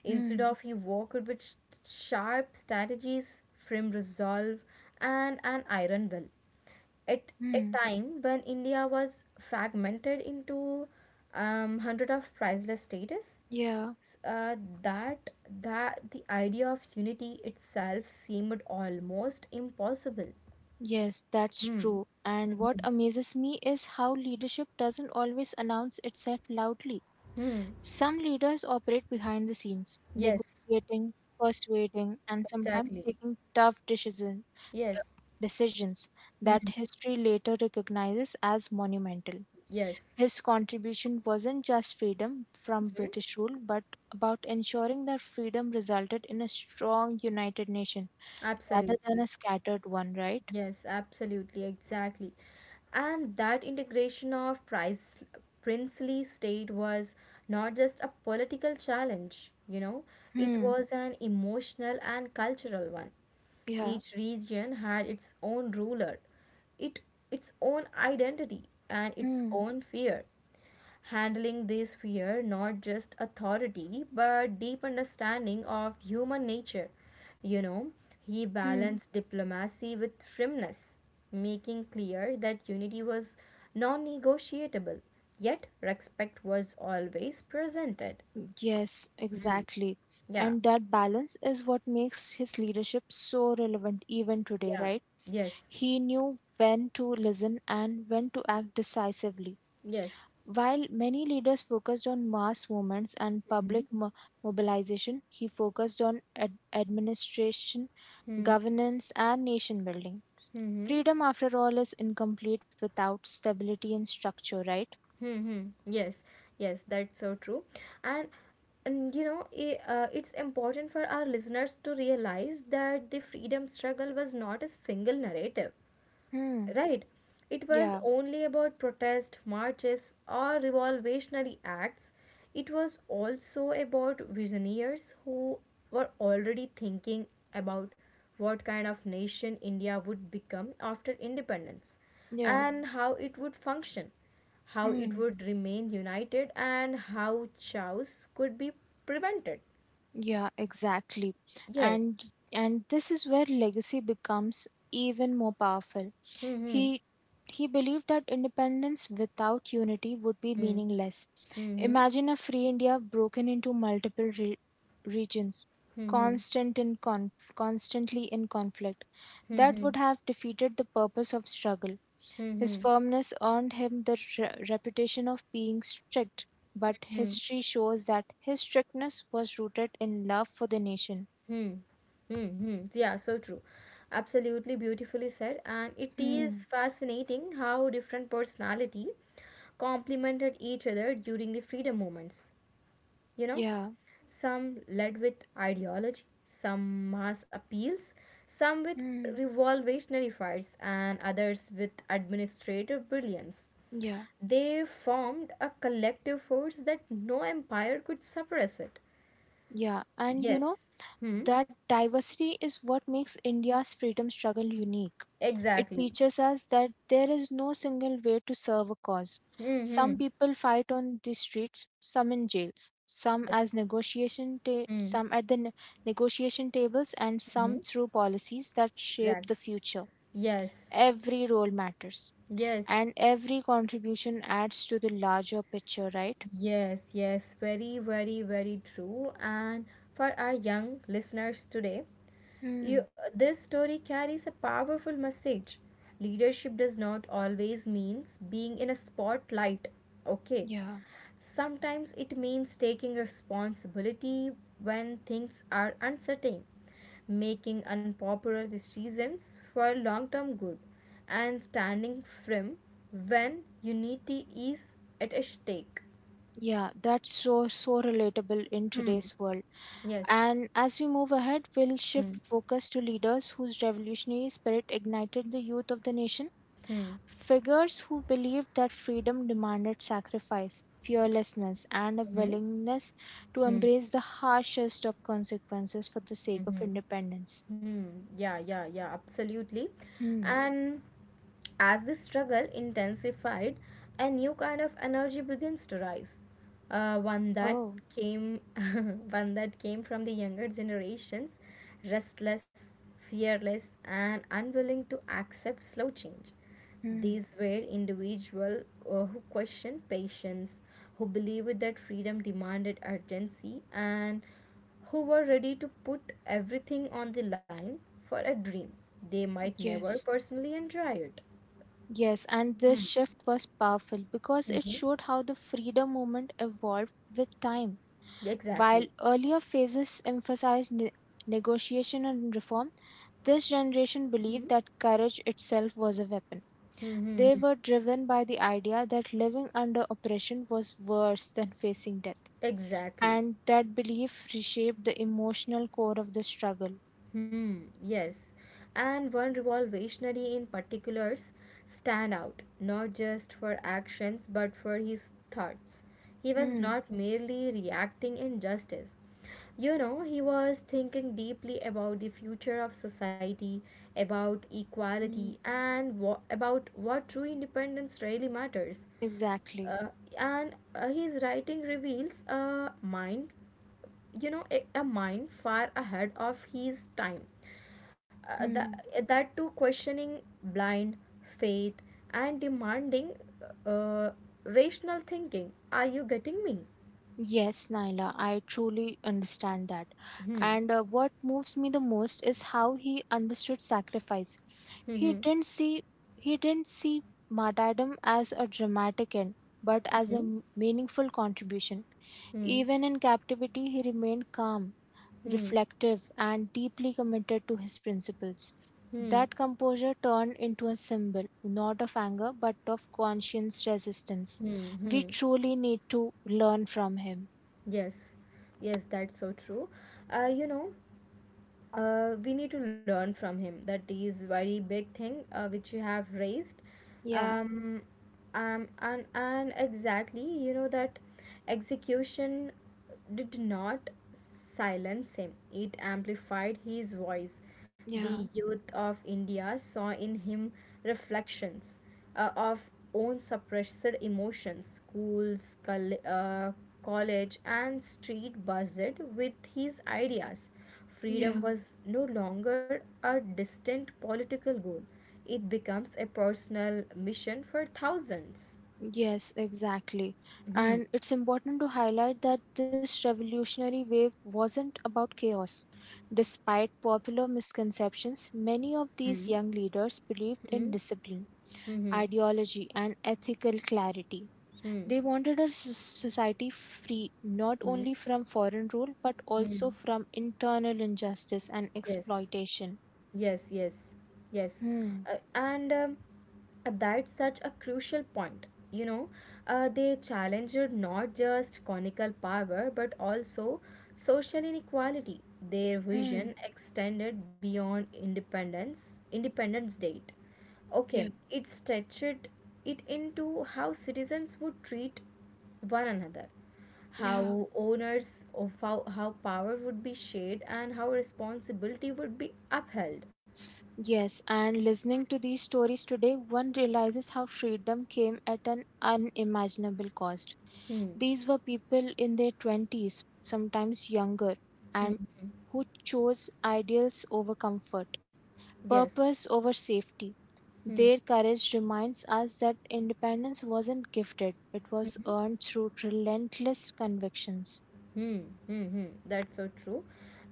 S1: Instead
S2: Hmm.
S1: of he worked with sh- sharp strategies, firm resolve, and an iron will at a
S2: Hmm.
S1: time when India was fragmented into um, hundred of priceless status,
S2: Yeah.
S1: s- uh, that that the idea of unity itself seemed almost impossible.
S2: Yes, that's
S1: Hmm.
S2: true. And what
S1: Mhm.
S2: amazes me is how leadership doesn't always announce itself loudly.
S1: Hmm.
S2: Some leaders operate behind the scenes,
S1: Yes.
S2: negotiating, persuading, and sometimes
S1: Exactly.
S2: taking tough decision-
S1: Yes.
S2: decisions that
S1: Hmm.
S2: history later recognizes as monumental.
S1: Yes.
S2: His contribution wasn't just freedom from
S1: Hmm.
S2: British rule, but about ensuring that freedom resulted in a strong united nation rather than
S1: Absolutely.
S2: a scattered one, right?
S1: Yes, absolutely, exactly. And that integration of Price, princely state was not just a political challenge, you know, it
S2: Hmm,
S1: was an emotional and cultural one.
S2: yeah.
S1: Each region had its own ruler, it, its own identity, and its
S2: Mm,
S1: own fear, handling this fear not just authority but deep understanding of human nature. You know, he
S2: mm.
S1: balanced diplomacy with firmness, making clear that unity was non-negotiable yet respect was always presented.
S2: Yes, exactly.
S1: Yeah,
S2: And that balance is what makes his leadership so relevant even today,
S1: yeah,
S2: right?
S1: yes,
S2: He knew when to listen and when to act decisively.
S1: yes,
S2: While many leaders focused on mass movements and public mo mobilization, he focused on ad administration,
S1: mm-hmm.
S2: governance, and nation building.
S1: Mm-hmm.
S2: Freedom, after all, is incomplete without stability and structure, right?
S1: Mm-hmm. Yes, yes, that's so true. And and you know, i- uh, it's important for our listeners to realize that the freedom struggle was not a single narrative.
S2: Hmm.
S1: Right. It was
S2: Yeah.
S1: only about protest, marches, or revolutionary acts. It was also about visionaries who were already thinking about what kind of nation India would become after independence
S2: Yeah.
S1: and how it would function, how it
S2: Hmm.
S1: would remain united, and how chaos could be prevented.
S2: Yeah, exactly.
S1: Yes.
S2: And and this is where legacy becomes even more powerful.
S1: Hmm.
S2: He he believed that independence without unity would be
S1: Hmm.
S2: meaningless.
S1: Hmm.
S2: Imagine a free India broken into multiple re- regions,
S1: Hmm. Hmm.
S2: constant in con- constantly in conflict.
S1: Hmm. Hmm.
S2: That
S1: Hmm.
S2: would have defeated the purpose of struggle.
S1: Hmm.
S2: His
S1: Hmm,
S2: firmness earned him the re- reputation of being strict, but
S1: hmm.
S2: history shows that his strictness was rooted in love for the nation.
S1: Hmm. Mm-hmm. Yeah, so true. Absolutely beautifully said. And it is
S2: Hmm.
S1: fascinating how different personality complemented each other during the freedom movements. You know,
S2: Yeah.
S1: some led with ideology, some mass appeals, some with
S2: Hmm.
S1: revolutionary fires, and others with administrative brilliance.
S2: Yeah.
S1: They formed a collective force that no empire could suppress it.
S2: Yeah. And you know,
S1: Yes. Hmm.
S2: that diversity is what makes India's freedom struggle unique. It
S1: Exactly.
S2: teaches us that there is no single way to serve a cause. Some
S1: Mm-hmm.
S2: people fight on the streets, some in jails, some
S1: Yes.
S2: as negotiation ta-
S1: Mm-hmm.
S2: some at the ne- negotiation tables and some through policies that
S1: Exactly.
S2: shape the future.
S1: Yes.
S2: Every role matters
S1: Yes.
S2: and every contribution adds to the larger picture, right?
S1: Yes, yes, very, very, very true. And for our young listeners today, you,
S2: Hmm.
S1: this story carries a powerful message. Leadership does not always means being in a spotlight. Okay.
S2: Yeah.
S1: Sometimes it means taking responsibility when things are uncertain, making unpopular decisions for long term good, and standing firm when unity is at stake.
S2: Yeah, that's so so relatable in
S1: Hmm.
S2: today's world.
S1: Yes.
S2: And as we move ahead, we'll shift
S1: Hmm.
S2: focus to leaders whose revolutionary spirit ignited the youth of the nation,
S1: Hmm.
S2: figures who believed that freedom demanded sacrifice, fearlessness, and a
S1: Hmm. Hmm.
S2: willingness to
S1: Hmm.
S2: embrace the harshest of consequences for the sake of
S1: Hmm.
S2: independence.
S1: Hmm. Yeah, yeah, yeah, absolutely.
S2: Hmm.
S1: And as this struggle intensified, a new kind of energy begins to rise. Uh, one that
S2: Oh,
S1: came, one that came from the younger generations, restless, fearless, and unwilling to accept slow change.
S2: hmm.
S1: These were individuals who questioned patience, who believed that freedom demanded urgency, and who were ready to put everything on the line for a dream they might never
S2: Yes.
S1: personally enjoy it.
S2: Yes, and this
S1: Hmm.
S2: shift was powerful because it
S1: Mhm.
S2: showed how the freedom movement evolved with time. While
S1: Exactly.
S2: earlier phases emphasized ne- negotiation and reform, this generation
S1: Hmm.
S2: believed that courage itself was a weapon. They
S1: Mhm.
S2: were driven by the idea that living under oppression was worse than facing death,
S1: Exactly.
S2: and that belief reshaped the emotional core of the struggle.
S1: Hmm, yes. And one revolutionary in particulars stand out, not just for actions but for his thoughts. He was
S2: Hmm.
S1: not merely reacting injustice. You know, he was thinking deeply about the future of society, about equality,
S2: Hmm.
S1: and wha- about what true independence really matters.
S2: Exactly.
S1: Uh, and uh, his writing reveals a mind, you know, a, a mind far ahead of his time, uh, the,
S2: Hmm.
S1: that too questioning blind faith and demanding uh, rational thinking. Are you getting me?
S2: Yes, Naila, I truly understand that.
S1: Hmm,
S2: And uh, what moves me the most is how he understood sacrifice.
S1: hmm,
S2: He didn't see he didn't see martyrdom as a dramatic end, but as
S1: hmm,
S2: a m- meaningful contribution.
S1: hmm, hmm,
S2: Even in captivity, he remained calm,
S1: hmm,
S2: reflective, and deeply committed to his principles.
S1: hmm, hmm.
S2: That composure turned into a symbol, not of anger, but of conscious resistance. We
S1: Hmm.
S2: truly need to learn from him.
S1: Yes, yes, that's so true. Uh, you know, uh, we need to learn from him. That is very big thing uh, which you have raised.
S2: Yeah,
S1: Um, um, and and exactly, you know that execution did not silence him. It amplified his voice. The
S2: yeah,
S1: youth of India saw in him reflections uh, of own suppressed emotions. Schools, col- uh, college, and street buzzed with his ideas. Freedom
S2: yeah.
S1: was no longer a distant political goal, it becomes a personal mission for thousands.
S2: Yes, exactly.
S1: Hmm.
S2: And it's important to highlight that this revolutionary wave wasn't about chaos. Despite popular misconceptions, many of
S1: Hmm.
S2: these young leaders believed in
S1: Hmm.
S2: discipline,
S1: Hmm.
S2: ideology, and ethical clarity.
S1: Hmm. Hmm.
S2: They wanted a s- society free not
S1: Hmm.
S2: only from foreign rule but also
S1: Hmm.
S2: from internal injustice and
S1: Yes,
S2: exploitation.
S1: yes, yes, yes.
S2: Hmm.
S1: Uh, and um, that's such a crucial point. You know, uh, they challenged not just conical power but also social inequality. Their
S2: Hmm.
S1: vision extended beyond independence, Independence Date. Okay,
S2: Yeah.
S1: it stretched it into how citizens would treat one another,
S2: Yeah.
S1: how owners of how, how power would be shared, and how responsibility would be upheld.
S2: Yes, and listening to these stories today, one realizes how freedom came at an unimaginable cost.
S1: Hmm.
S2: These were people in their twenties, sometimes younger,
S1: Hmm.
S2: and
S1: Hmm.
S2: who chose ideals over comfort,
S1: Yes.
S2: purpose over safety. Their courage reminds us that independence wasn't gifted, it was
S1: Hmm.
S2: earned through relentless convictions.
S1: Hmm, hmm, hmm. That's so true.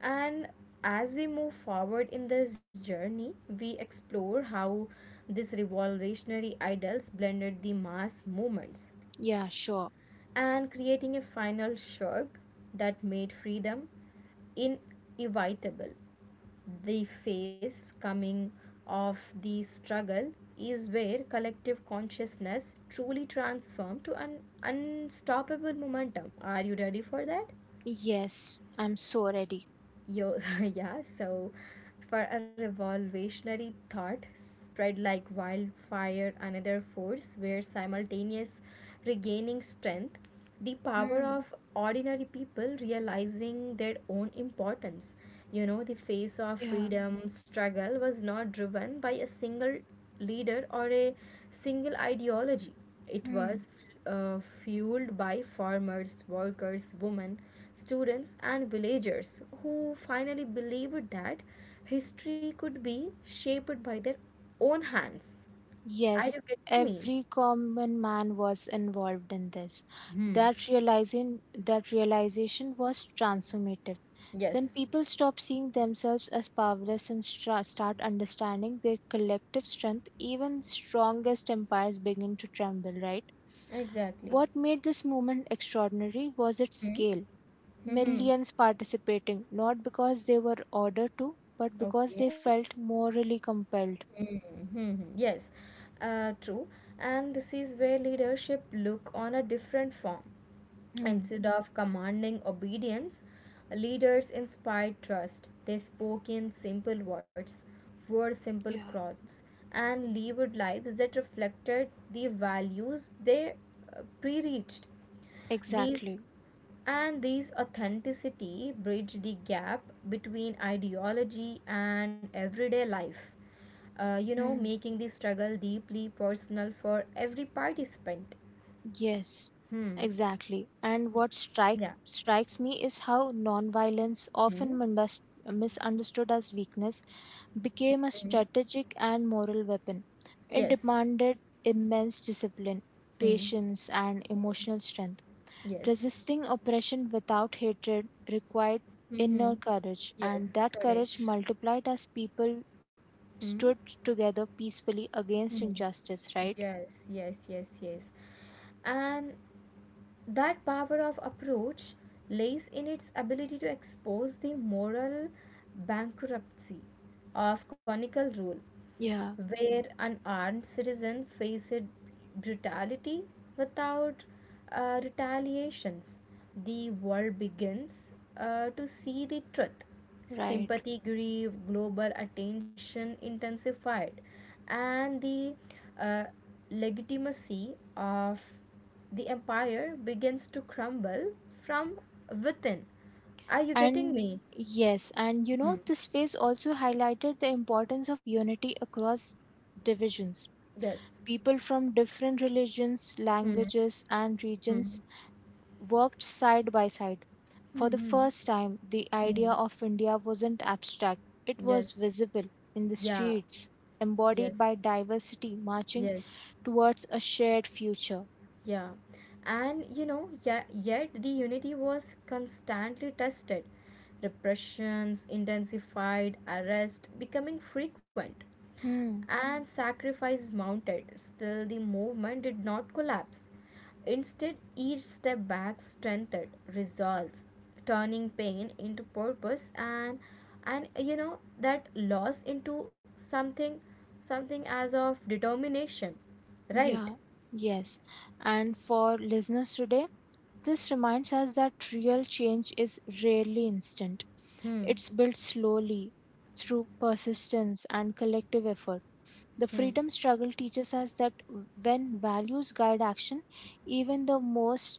S1: And as we move forward in this journey, we explore how this revolutionary ideals blended the mass movements
S2: Yeah, sure.
S1: and creating a final shirk that made freedom inevitable. The phase coming of the struggle is where collective consciousness truly transformed to an unstoppable momentum. Are you ready for that?
S2: Yes, I'm so ready.
S1: Yo, yeah, so for a revolutionary thought spread like wildfire, another force where simultaneous regaining strength, the power
S2: Hmm.
S1: of ordinary people realizing their own importance. You know, the face of
S2: Yeah.
S1: freedom struggle was not driven by a single leader or a single ideology, it
S2: Hmm.
S1: was uh, fueled by farmers, workers, women, students, and villagers who finally believed that history could be shaped by their own hands. Are you
S2: Yes,
S1: getting me?
S2: every common man was involved in this.
S1: Hmm.
S2: That realizing that realization was transformative. When
S1: Yes,
S2: people stop seeing themselves as powerless and stra- start understanding their collective strength, even strongest empires begin to tremble, right?
S1: exactly.
S2: What made this movement extraordinary was its
S1: Hmm.
S2: scale.
S1: Hmm.
S2: Millions participating, not because they were ordered to, but because they
S1: Okay.
S2: felt morally compelled.
S1: Mm-hmm. Yes, uh, true. And this is where leadership look on a different form.
S2: Hmm,
S1: Instead of commanding obedience, leaders inspired trust. They spoke in simple words, wore simple
S2: yeah.
S1: clothes, and lived lives that reflected the values they uh, preached. These
S2: Exactly.
S1: and these authenticity bridge the gap between ideology and everyday life. Uh, you know,
S2: Mm,
S1: making the struggle deeply personal for every participant.
S2: yes,
S1: Hmm.
S2: exactly. And
S1: Y-
S2: what strike
S1: Yeah.
S2: strikes me is how nonviolence, often
S1: Hmm.
S2: mindus- misunderstood as weakness, became a
S1: Hmm.
S2: strategic and moral weapon. It
S1: Yes.
S2: demanded immense discipline,
S1: Hmm.
S2: patience, and
S1: Hmm.
S2: emotional strength.
S1: Yes.
S2: Resisting oppression without hatred required
S1: Hmm.
S2: inner courage, and
S1: Yes.
S2: that courage
S1: Correct.
S2: multiplied as people
S1: Hmm.
S2: stood together peacefully against
S1: Hmm.
S2: injustice, right?
S1: Yes. Yes. Yes. Yes. And that power of approach lays in its ability to expose the moral bankruptcy of conical rule
S2: Yeah,
S1: where unarmed citizens faced brutality without uh, retaliations. The world begins uh, to see the truth.
S2: right.
S1: Sympathy grew, global attention intensified, and the uh, legitimacy of the empire begins to crumble from within. Are you getting
S2: And
S1: me?
S2: yes, and you know,
S1: Hmm.
S2: this phase also highlighted the importance of unity across divisions.
S1: Yes.
S2: People from different religions,
S1: Hmm.
S2: languages, and
S1: Hmm.
S2: regions worked side by side. For the
S1: Hmm. Hmm.
S2: first time, the idea
S1: Hmm.
S2: of India wasn't abstract, it was
S1: Yes.
S2: visible in the
S1: Yeah.
S2: streets,
S1: Yes.
S2: embodied by diversity marching
S1: Yes.
S2: towards a shared future.
S1: Yeah, and you know, yeah, yet the unity was constantly tested. Repressions intensified, arrest becoming frequent,
S2: Hmm,
S1: and sacrifice mounted. Still, the movement did not collapse. Instead, each step back strengthened resolve, turning pain into purpose, and and you know that loss into something, something as of determination, right?
S2: yeah, yes. And for listeners today, this reminds us that real change is rarely instant.
S1: Hmm.
S2: It's built slowly through persistence and collective effort. The
S1: Hmm.
S2: freedom struggle teaches us that when values guide action, even the most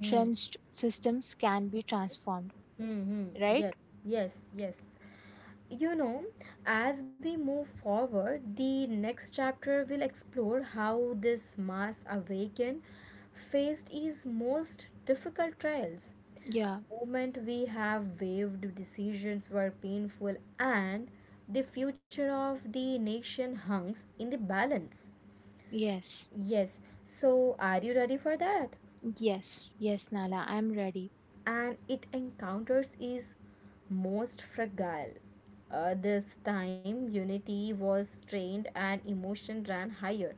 S1: Hmm.
S2: systems can be transformed,
S1: Hmm. Hmm.
S2: right?
S1: Yes. Yes. Yes. You know, as we move forward, the next chapter will explore how this mass awaken faced his most difficult trials.
S2: Yeah,
S1: Moment we have waived decisions were painful and the future of the nation hangs in the balance.
S2: yes,
S1: Yes, so are you ready for that?
S2: yes, yes, Nala, I'm ready.
S1: And it encounters is most fragile. Uh, this time, unity was strained and emotion ran higher.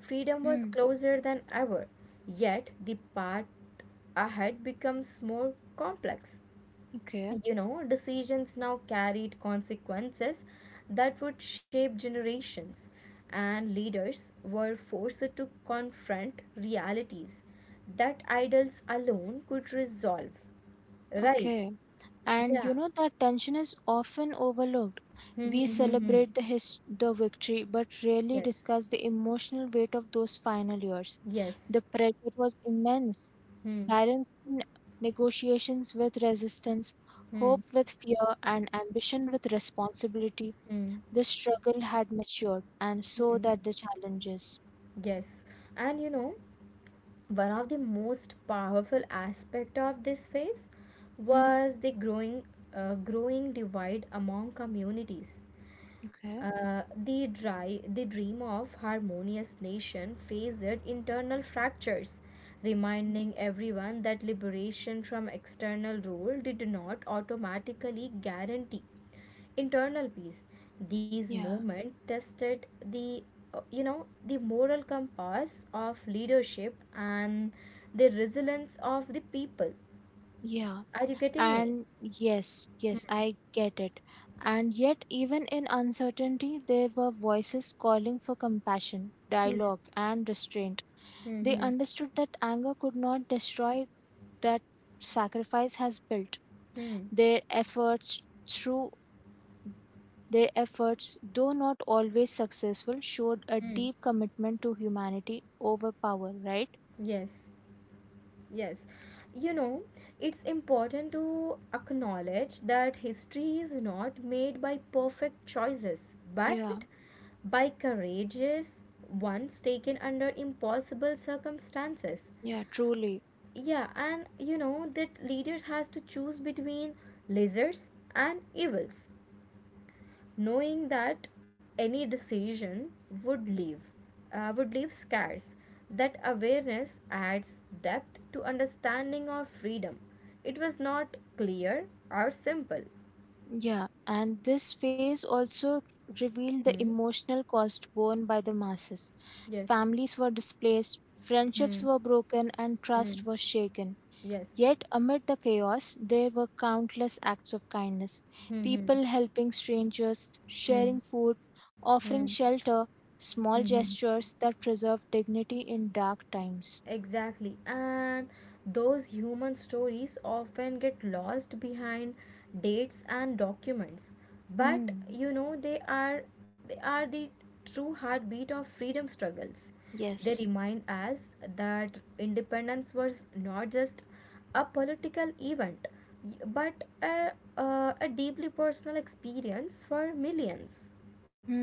S1: Freedom was
S2: Hmm,
S1: closer than ever, yet the path ahead becomes more complex.
S2: okay,
S1: You know, decisions now carried consequences that would shape generations, and leaders were forced to confront realities that idols alone could resolve. Right.
S2: okay. And
S1: Yeah.
S2: you know that tension is often overlooked.
S1: Hmm.
S2: We
S1: Hmm. Hmm. Hmm.
S2: celebrate the his- the victory but rarely
S1: Yes.
S2: discuss the emotional weight of those final years.
S1: Yes.
S2: The pressure was immense,
S1: Hmm.
S2: balancing negotiations with resistance, hope
S1: Hmm.
S2: with fear and ambition with responsibility.
S1: Hmm.
S2: The struggle had matured and
S1: Hmm.
S2: so that the challenges.
S1: Yes. And you know, one of the most powerful aspect of this phase
S2: Hmm,
S1: was the growing, uh, growing divide among communities.
S2: okay.
S1: Uh, they, dry, they dream of harmonious nation faced internal fractures,
S2: Mm.
S1: reminding everyone that liberation from external rule did not automatically guarantee internal peace. These
S2: Yeah.
S1: movements tested the uh, you know the moral compass of leadership and the resilience of the people.
S2: Yeah.
S1: Are you getting me?
S2: And yes, yes, I get it. And yet, even in uncertainty, there were voices calling for compassion,
S1: Hmm.
S2: dialogue, and restraint.
S1: Hmm.
S2: They
S1: Hmm.
S2: understood that anger could not destroy that sacrifice has built.
S1: Hmm.
S2: Their efforts, through their efforts, though not always successful, showed a
S1: Hmm.
S2: deep commitment to humanity over power, right?
S1: Yes. Yes, you know, it's important to acknowledge that history is not made by perfect choices, but
S2: Yeah,
S1: by courageous ones taken under impossible circumstances.
S2: yeah, truly.
S1: Yeah, and you know that leaders has to choose between lizards and evils, knowing that any decision would leave uh, would leave scars. That awareness adds depth to understanding of freedom. It was not clear or simple.
S2: Yeah, and this phase also revealed the
S1: Hmm.
S2: emotional cost borne by the masses.
S1: Yes.
S2: Families were displaced,
S1: Hmm.
S2: friendships were broken, and
S1: Hmm.
S2: trust was shaken.
S1: Yes.
S2: Yet, amid the chaos, there were countless acts of kindness,
S1: Hmm. Hmm.
S2: people helping strangers, sharing
S1: Hmm.
S2: food,
S1: Hmm.
S2: offering shelter, small
S1: Hmm.
S2: gestures that preserved dignity in dark times.
S1: Exactly. And those human stories often get lost behind dates and documents. But
S2: Hmm,
S1: you know they are they are the true heartbeat of freedom struggles. They
S2: yes.
S1: remind us that independence was not just a political event, y- but a, uh, a deeply personal experience for millions.
S2: Hmm.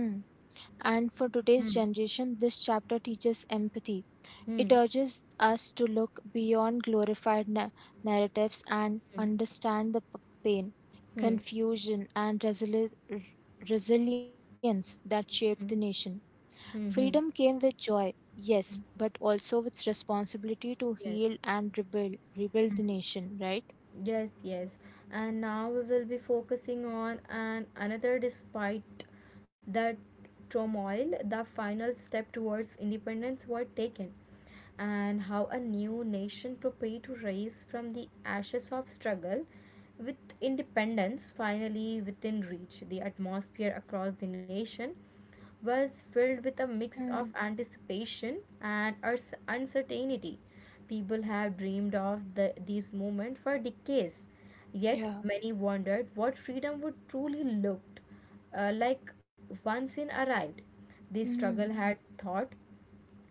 S2: And for today's
S1: Hmm.
S2: generation, this chapter teaches empathy.
S1: Hmm.
S2: It urges us to look beyond glorified na- narratives and
S1: Hmm.
S2: understand the p- pain,
S1: Hmm.
S2: confusion, and resili- r- resilience that shaped the
S1: Hmm.
S2: nation.
S1: Hmm.
S2: Freedom
S1: Hmm.
S2: came with joy, yes, but also with responsibility to heal
S1: Yes.
S2: and rebuild, rebuild the
S1: Mm,
S2: nation, right?
S1: yes, yes. And now we will be focusing on an another, despite that turmoil, the final step towards independence were taken and how a new nation prepared to rise from the ashes of struggle. With independence finally within reach, the atmosphere across the nation was filled with a mix of
S2: Mm,
S1: anticipation and urs- uncertainty. People have dreamed of the, these moments for decades, yet
S2: yeah.
S1: many wondered what freedom would truly look uh, like once it arrived. This
S2: Mm,
S1: struggle had taught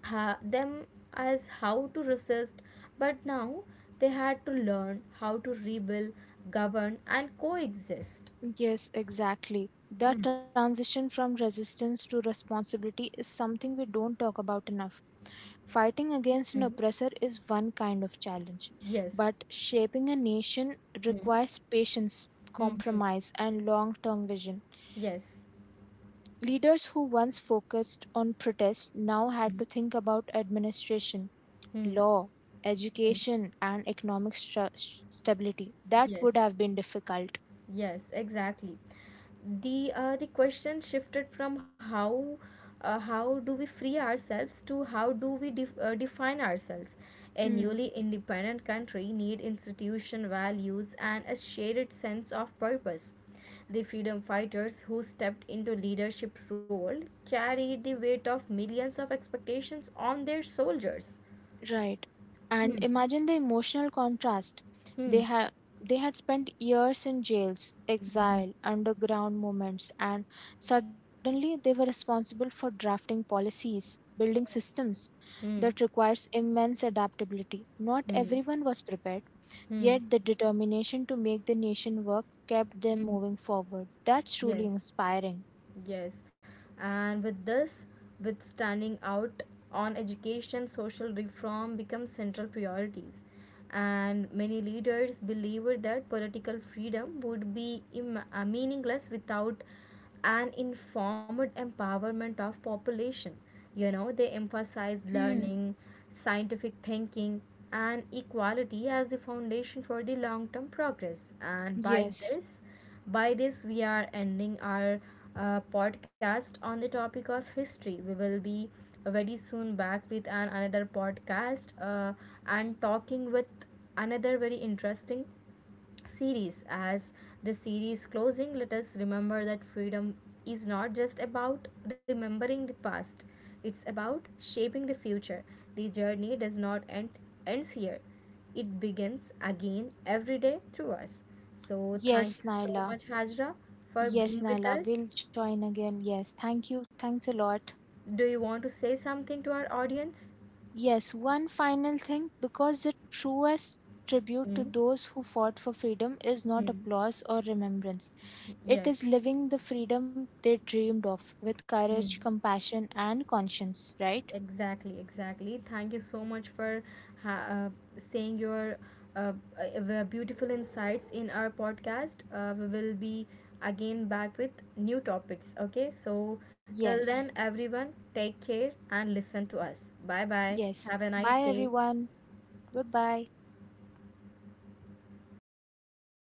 S1: ha- them as how to resist, but now they had to learn how to rebuild, govern, and coexist.
S2: yes, exactly. That
S1: Hmm.
S2: transition from resistance to responsibility is something we don't talk about enough. Fighting against an
S1: Hmm.
S2: oppressor is one kind of challenge,
S1: Yes.
S2: but shaping a nation
S1: Hmm.
S2: requires patience,
S1: Hmm. Hmm.
S2: compromise, and long term vision.
S1: Yes.
S2: Leaders who once focused on protest now
S1: Hmm.
S2: had to think about administration,
S1: Hmm.
S2: law,
S1: Hmm.
S2: education, and economic stra- stability. That would
S1: Yes.
S2: have been difficult.
S1: Yes, exactly. The uh, the question shifted from how uh, how do we free ourselves to how do we def- uh, define ourselves. A
S2: Hmm.
S1: newly independent country need institution values and a shared sense of purpose. The freedom fighters who stepped into leadership role carried the weight of millions of expectations on their soldiers.
S2: Right. And
S1: Hmm.
S2: imagine the emotional contrast.
S1: Hmm.
S2: They had they had spent years in jails,
S1: Hmm.
S2: exile, underground movements, and suddenly they were responsible for drafting policies, building systems that
S1: Hmm.
S2: requires immense adaptability. Not
S1: Hmm.
S2: everyone was prepared,
S1: Hmm.
S2: yet the determination to make the nation work kept them
S1: Hmm.
S2: moving forward. That's truly
S1: Yes.
S2: inspiring.
S1: Yes, and with this, with standing out on education, social reform become central priorities. And many leaders believed that political freedom would be Im- uh, meaningless without an informed empowerment of population. You know, they emphasize
S2: Hmm.
S1: learning, scientific thinking, and equality as the foundation for the long term progress. And by
S2: Yes.
S1: this, by this, we are ending our uh, podcast on the topic of history. We will be very soon back with an another podcast uh, and talking with another very interesting series. As the series closing, let us remember that freedom is not just about remembering the past, it's about shaping the future. The journey does not end ends here. It begins again every day through us. So thank
S2: Yes,
S1: you so
S2: Naila.
S1: much, Hajra, for
S2: Yes,
S1: being with
S2: Nala,
S1: us.
S2: we'll join again. Yes, thank you. Thanks a lot.
S1: Do you want to say something to our audience?
S2: Yes, one final thing because the truest tribute
S1: Mm,
S2: to those who fought for freedom is not
S1: hmm.
S2: applause or remembrance. It
S1: Yes.
S2: is living the freedom they dreamed of with
S1: Mm.
S2: courage, compassion, and conscience, right?
S1: Exactly, exactly. Thank you so much for ha- uh, saying your uh, uh, beautiful insights in our podcast. Uh, we will be again back with new topics. Okay, so till
S2: Yes,
S1: then, everyone, take care and listen to us. Bye bye.
S2: yes.
S1: Have a
S2: Bye,
S1: nice day.
S2: everyone. Goodbye.